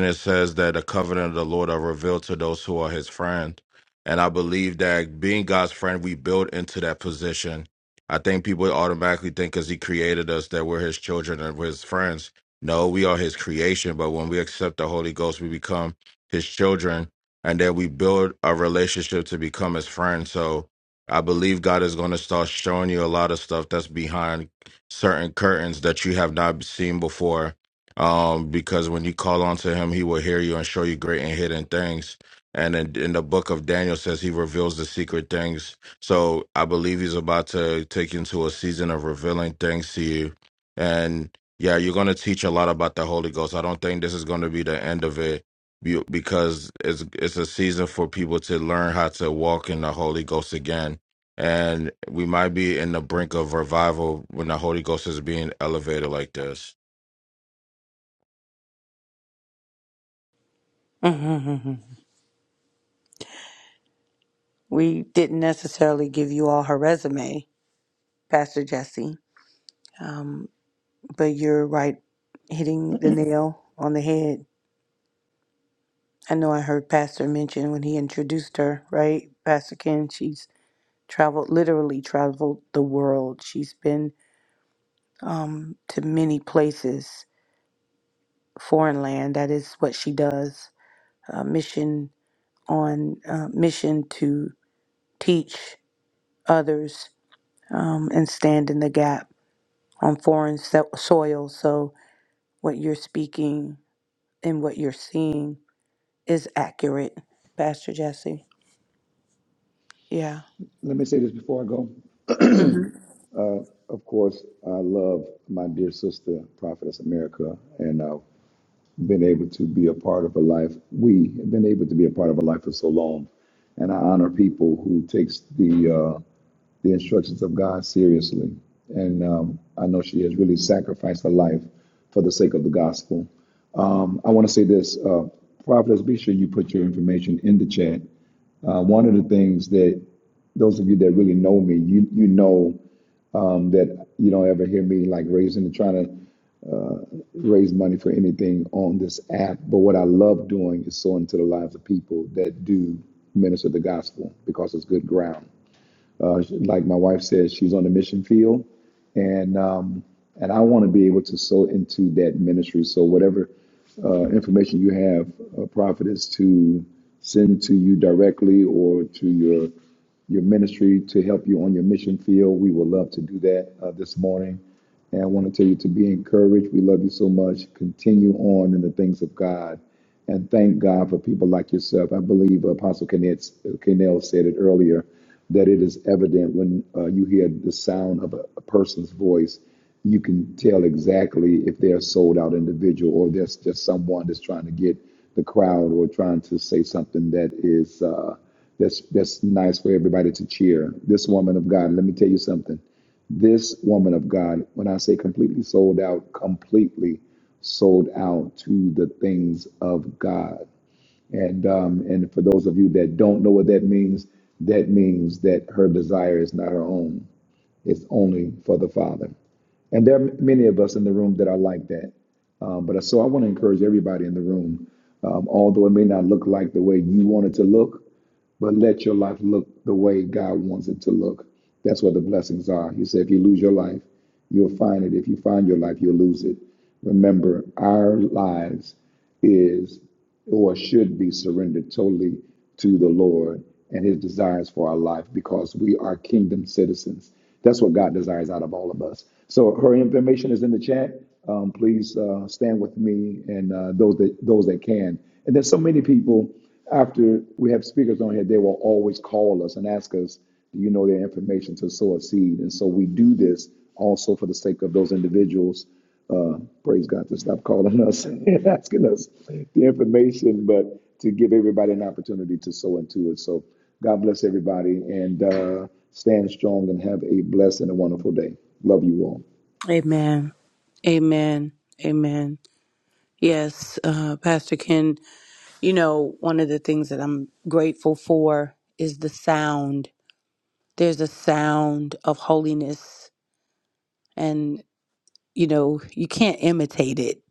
Speaker 12: it says that the covenant of the Lord are revealed to those who are his friend. And I believe that being God's friend, we build into that position. I think people automatically think because he created us that we're his children and we're his friends. No, we are his creation. But when we accept the Holy Ghost, we become his children and then we build a relationship to become his friend. So I believe God is going to start showing you a lot of stuff that's behind certain curtains that you have not seen before um, because when you call on to him, he will hear you and show you great and hidden things. And in, in the book of Daniel says he reveals the secret things. So I believe he's about to take you into a season of revealing things to you. And yeah, you're going to teach a lot about the Holy Ghost. I don't think this is going to be the end of it you- because it's it's a season for people to learn how to walk in the Holy Ghost again. And we might be in the brink of revival when the Holy Ghost is being elevated like this.
Speaker 9: Mm-hmm. We didn't necessarily give you all her resume, Pastor Jesse, um, but you're right, hitting the nail on the head. I know I heard Pastor mention when he introduced her, right? Pastor Ken, she's traveled, literally traveled the world. She's been um, to many places foreign land. That is what she does. Uh, mission on uh, mission to teach others um, and stand in the gap on foreign so- soil. So what you're speaking and what you're seeing is accurate, Pastor Jesse. Yeah.
Speaker 1: Let me say this before I go.
Speaker 9: hmm
Speaker 1: Uh, of course, I love my dear sister, Prophetess America, and I've been able to be a part of her life. We have been able to be a part of her life for so long, and I honor people who takes the uh, the instructions of God seriously. And um, I know she has really sacrificed her life for the sake of the gospel. Um, I want to say this, uh, Prophetess, be sure you put your information in the chat. Uh, one of the things that those of you that really know me, you you know um, that you don't ever hear me like raising and trying to raise money for anything on this app. But what I love doing is sowing into the lives of people that do minister the gospel because it's good ground. Uh, like my wife says, she's on the mission field, and um, and I want to be able to sow into that ministry. So whatever uh, information you have, uh, prophet, is to send to you directly or to your your ministry to help you on your mission field. We would love to do that uh, this morning. And I want to tell you to be encouraged. We love you so much. Continue on in the things of God. And thank God for people like yourself. I believe Apostle Kenneth- Kennell said it earlier that it is evident when uh, you hear the sound of a, a person's voice, you can tell exactly if they're a sold out individual or there's just someone that's trying to get the crowd or trying to say something that is uh, that's that's nice for everybody to cheer. This woman of God, let me tell you something this woman of God, when I say completely sold out, completely sold out to the things of God. And um, and for those of you that don't know what that means, that means that her desire is not her own; it's only for the Father. And there are many of us in the room that are like that. Um, but so I want to encourage everybody in the room, um, although it may not look like the way you want it to look, but let your life look the way God wants it to look. That's where the blessings are. He said, if you lose your life, you'll find it. If you find your life, you'll lose it. Remember, our lives is or should be surrendered totally to the Lord and his desires for our life because we are kingdom citizens. That's what God desires out of all of us. So her information is in the chat. Um, please uh, stand with me and uh, those that those that can. And there's so many people. After we have speakers on here, they will always call us and ask us, "Do you know their information to sow a seed?" And so we do this also for the sake of those individuals. Uh, praise God to stop calling us <laughs> and asking us the information, but to give everybody an opportunity to sow into it. So God bless everybody and uh, stand strong and have a blessed and a wonderful day. Love you all.
Speaker 9: Amen. Amen. Amen. Yes, uh, Pastor Ken. You know, one of the things that I'm grateful for is the sound. There's a sound of holiness you know, you can't imitate it,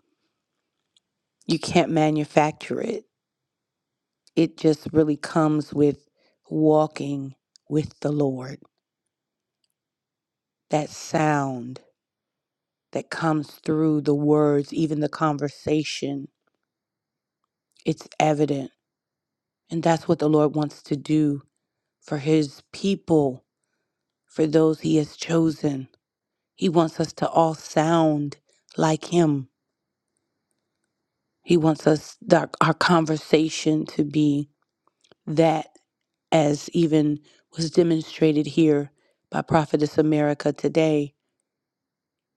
Speaker 9: you can't manufacture it. It just really comes with walking with the Lord. That sound that comes through the words, even the conversation, it's evident. And that's what the Lord wants to do for his people, for those he has chosen. He wants us to all sound like him. He wants us, our, our conversation to be that. as even was demonstrated here by Prophetess America today.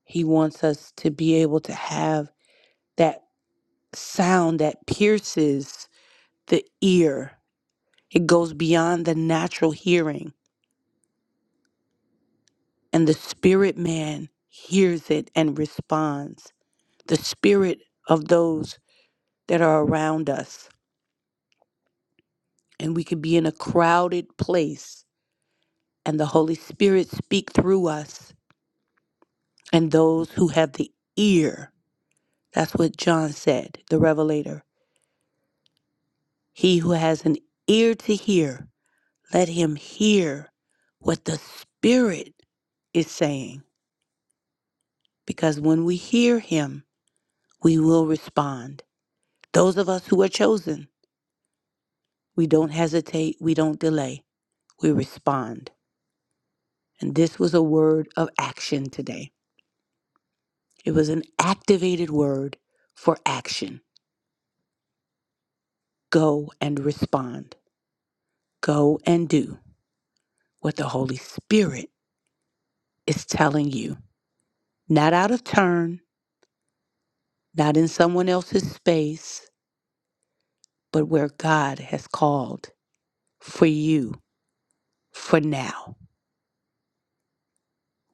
Speaker 9: He wants us to be able to have that sound that pierces the ear, it goes beyond the natural hearing, and the spirit man hears it and responds. The spirit of those that are around us. And we could be in a crowded place, and the Holy Spirit speak through us and those who have the ear That's what John said, the Revelator. He who has an ear to hear, let him hear what the Spirit is saying. Because when we hear him, we will respond. Those of us who are chosen, we don't hesitate, we don't delay, we respond. And this was a word of action today. It was an activated word for action. Go and respond. Go and do what the Holy Spirit is telling you not out of turn, not in someone else's space, but where God has called for you for now.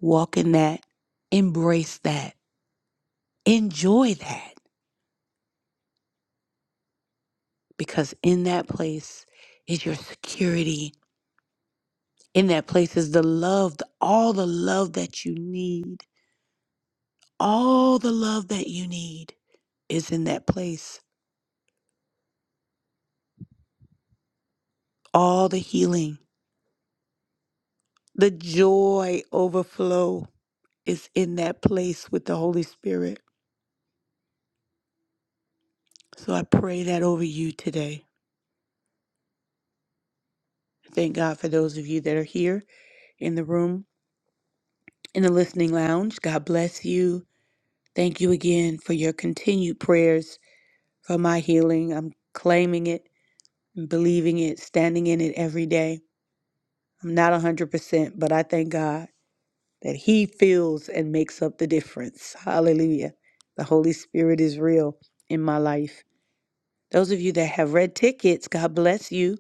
Speaker 9: Walk in that, embrace that, enjoy that, because in that place is your security. In that place is the love, the- all the love that you need. All the love that you need is in that place. All the healing, the joy overflow is in that place with the Holy Spirit So I pray that over you today. Thank God for those of you that are here in the room, in the listening lounge. God bless you. Thank you again for your continued prayers for my healing. I'm claiming it, believing it, standing in it every day. I'm not 100%, but I thank God that He fills and makes up the difference. Hallelujah. The Holy Spirit is real in my life. Those of you that have red tickets, God bless you.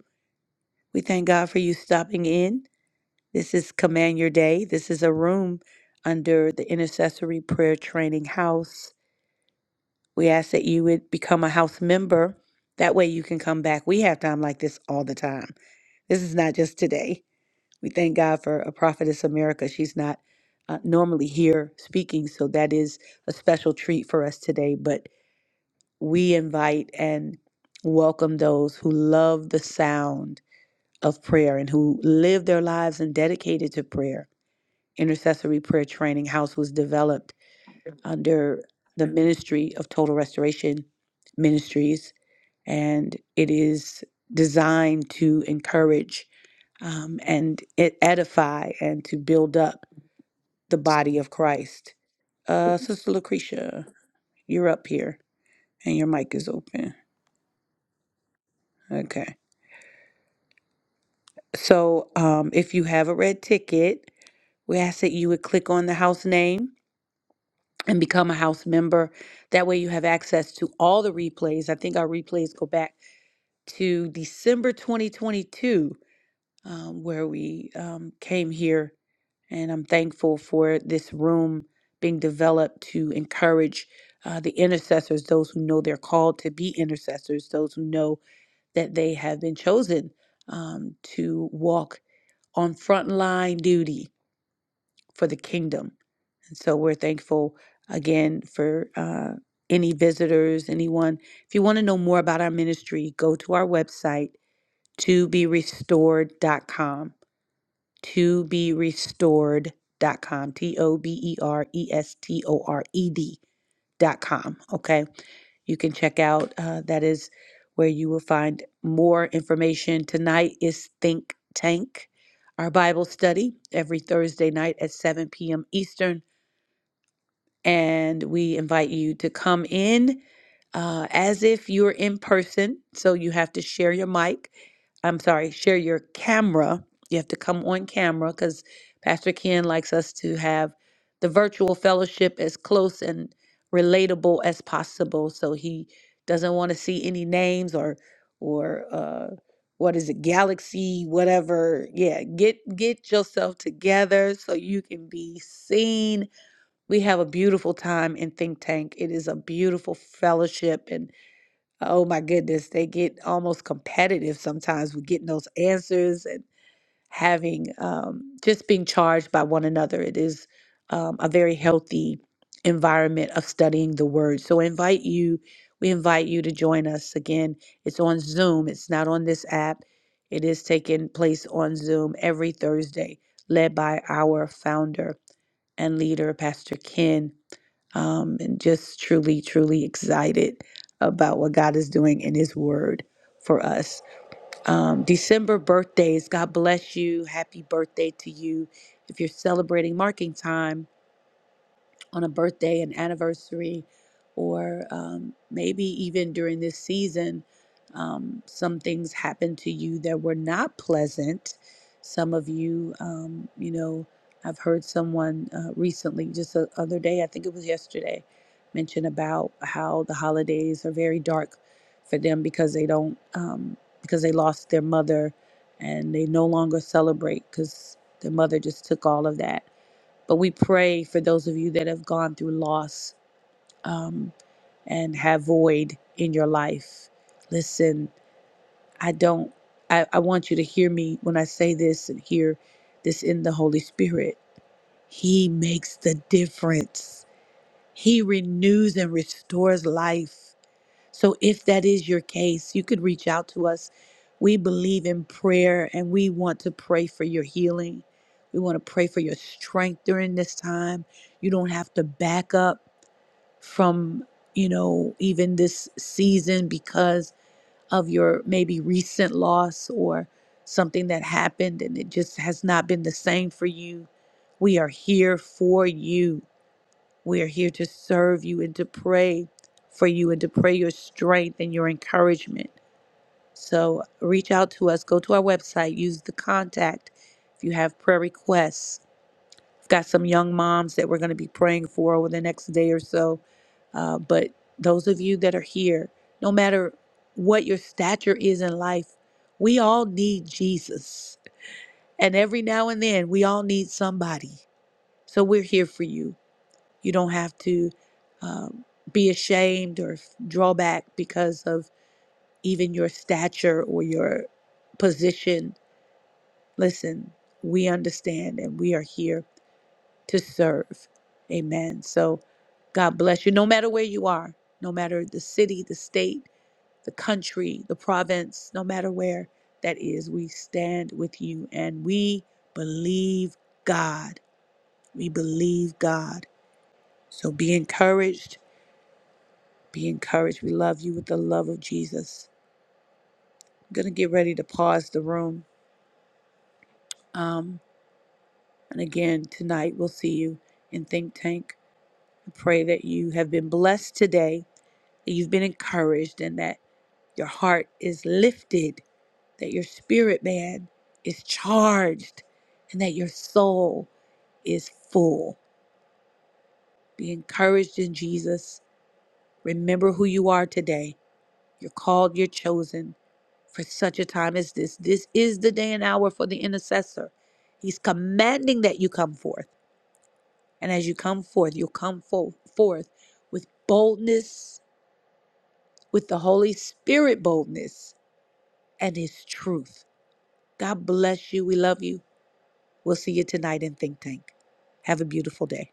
Speaker 9: We thank God for you stopping in. This is Command Your Day. This is a room under the Intercessory Prayer Training House. We ask that you would become a house member. That way you can come back. We have time like this all the time. This is not just today. We thank God for a prophetess America. She's not uh, normally here speaking, so that is a special treat for us today. But we invite and welcome those who love the sound of prayer and who live their lives and dedicated to prayer intercessory prayer training house was developed under the ministry of Total Restoration Ministries, and it is designed to encourage um, and e- edify and to build up the body of Christ. Uh, Sister Lucretia, you're up here and your mic is open. Okay. So um, if you have a red ticket, we ask that you would click on the house name and become a house member. That way you have access to all the replays. I think our replays go back to December 2022, um, where we um, came here. And I'm thankful for this room being developed to encourage uh, the intercessors, those who know they're called to be intercessors, those who know that they have been chosen um, to walk on frontline duty for the kingdom and so we're thankful again for uh, any visitors, anyone. If you want to know more about our ministry, go to our website, to be restored.com. To be restored dot com. T o b e r e s t o r e d dot com. Okay. You can check out, uh, that is where you will find more information. Tonight is Think Tank, our Bible study every Thursday night at 7 p.m. Eastern and we invite you to come in uh, as if you're in person. So you have to share your mic. I'm sorry, share your camera. You have to come on camera because Pastor Ken likes us to have the virtual fellowship as close and relatable as possible. So he doesn't want to see any names or or uh, what is it, galaxy, whatever. Yeah, get get yourself together so you can be seen we have a beautiful time in Think Tank. It is a beautiful fellowship. And oh my goodness, they get almost competitive sometimes with getting those answers and having um, just being charged by one another. It is um, a very healthy environment of studying the word. So I invite you, we invite you to join us again. It's on Zoom, it's not on this app. It is taking place on Zoom every Thursday, led by our founder and leader, Pastor Ken um, and just truly, truly excited about what God is doing in His Word for us. Um, December birthdays, God bless you. Happy birthday to you. If you're celebrating marking time, on a birthday, an anniversary, or um, maybe even during this season, um, some things happened to you that were not pleasant. Some of you, um, you know, I've heard someone uh, recently, just the other day, I think it was yesterday, mention about how the holidays are very dark for them because they don't, um, because they lost their mother and they no longer celebrate because their mother just took all of that but we pray for those of you that have gone through loss um, and have void in your life. Listen, I don't, I, I want you to hear me when I say this and hear this in the Holy Spirit. He makes the difference, He renews and restores life. So, if that is your case, you could reach out to us. We believe in prayer and we want to pray for your healing. We want to pray for your strength during this time. You don't have to back up from, you know, even this season because of your maybe recent loss or something that happened and it just has not been the same for you. We are here for you we are here to serve you and to pray for you and to pray your strength and your encouragement. So reach out to us. Go to our website. Use the contact if you have prayer requests. We've got some young moms that we're going to be praying for over the next day or so. Uh, but those of you that are here, no matter what your stature is in life, we all need Jesus. And every now and then, we all need somebody. So we're here for you. You don't have to um, be ashamed or draw back because of even your stature or your position. Listen, we understand and we are here to serve. Amen. So God bless you, no matter where you are, no matter the city, the state, the country, the province, no matter where that is, we stand with you and we believe God. We believe God. So be encouraged Be encouraged. We love you with the love of Jesus. I'm going to get ready to pause the room. Um, and again, tonight we'll see you in Think Tank. I pray that you have been blessed today, that you've been encouraged, and that your heart is lifted, that your spirit, man, is charged, and that your soul is full. Be encouraged in Jesus. Remember who you are today. You're called, you're chosen for such a time as this. This is the day and hour for the intercessor. He's commanding that you come forth. And as you come forth, you'll come fo- forth with boldness, with the Holy Spirit boldness and His truth. God bless you. We love you. We'll see you tonight in Think Tank. Have a beautiful day.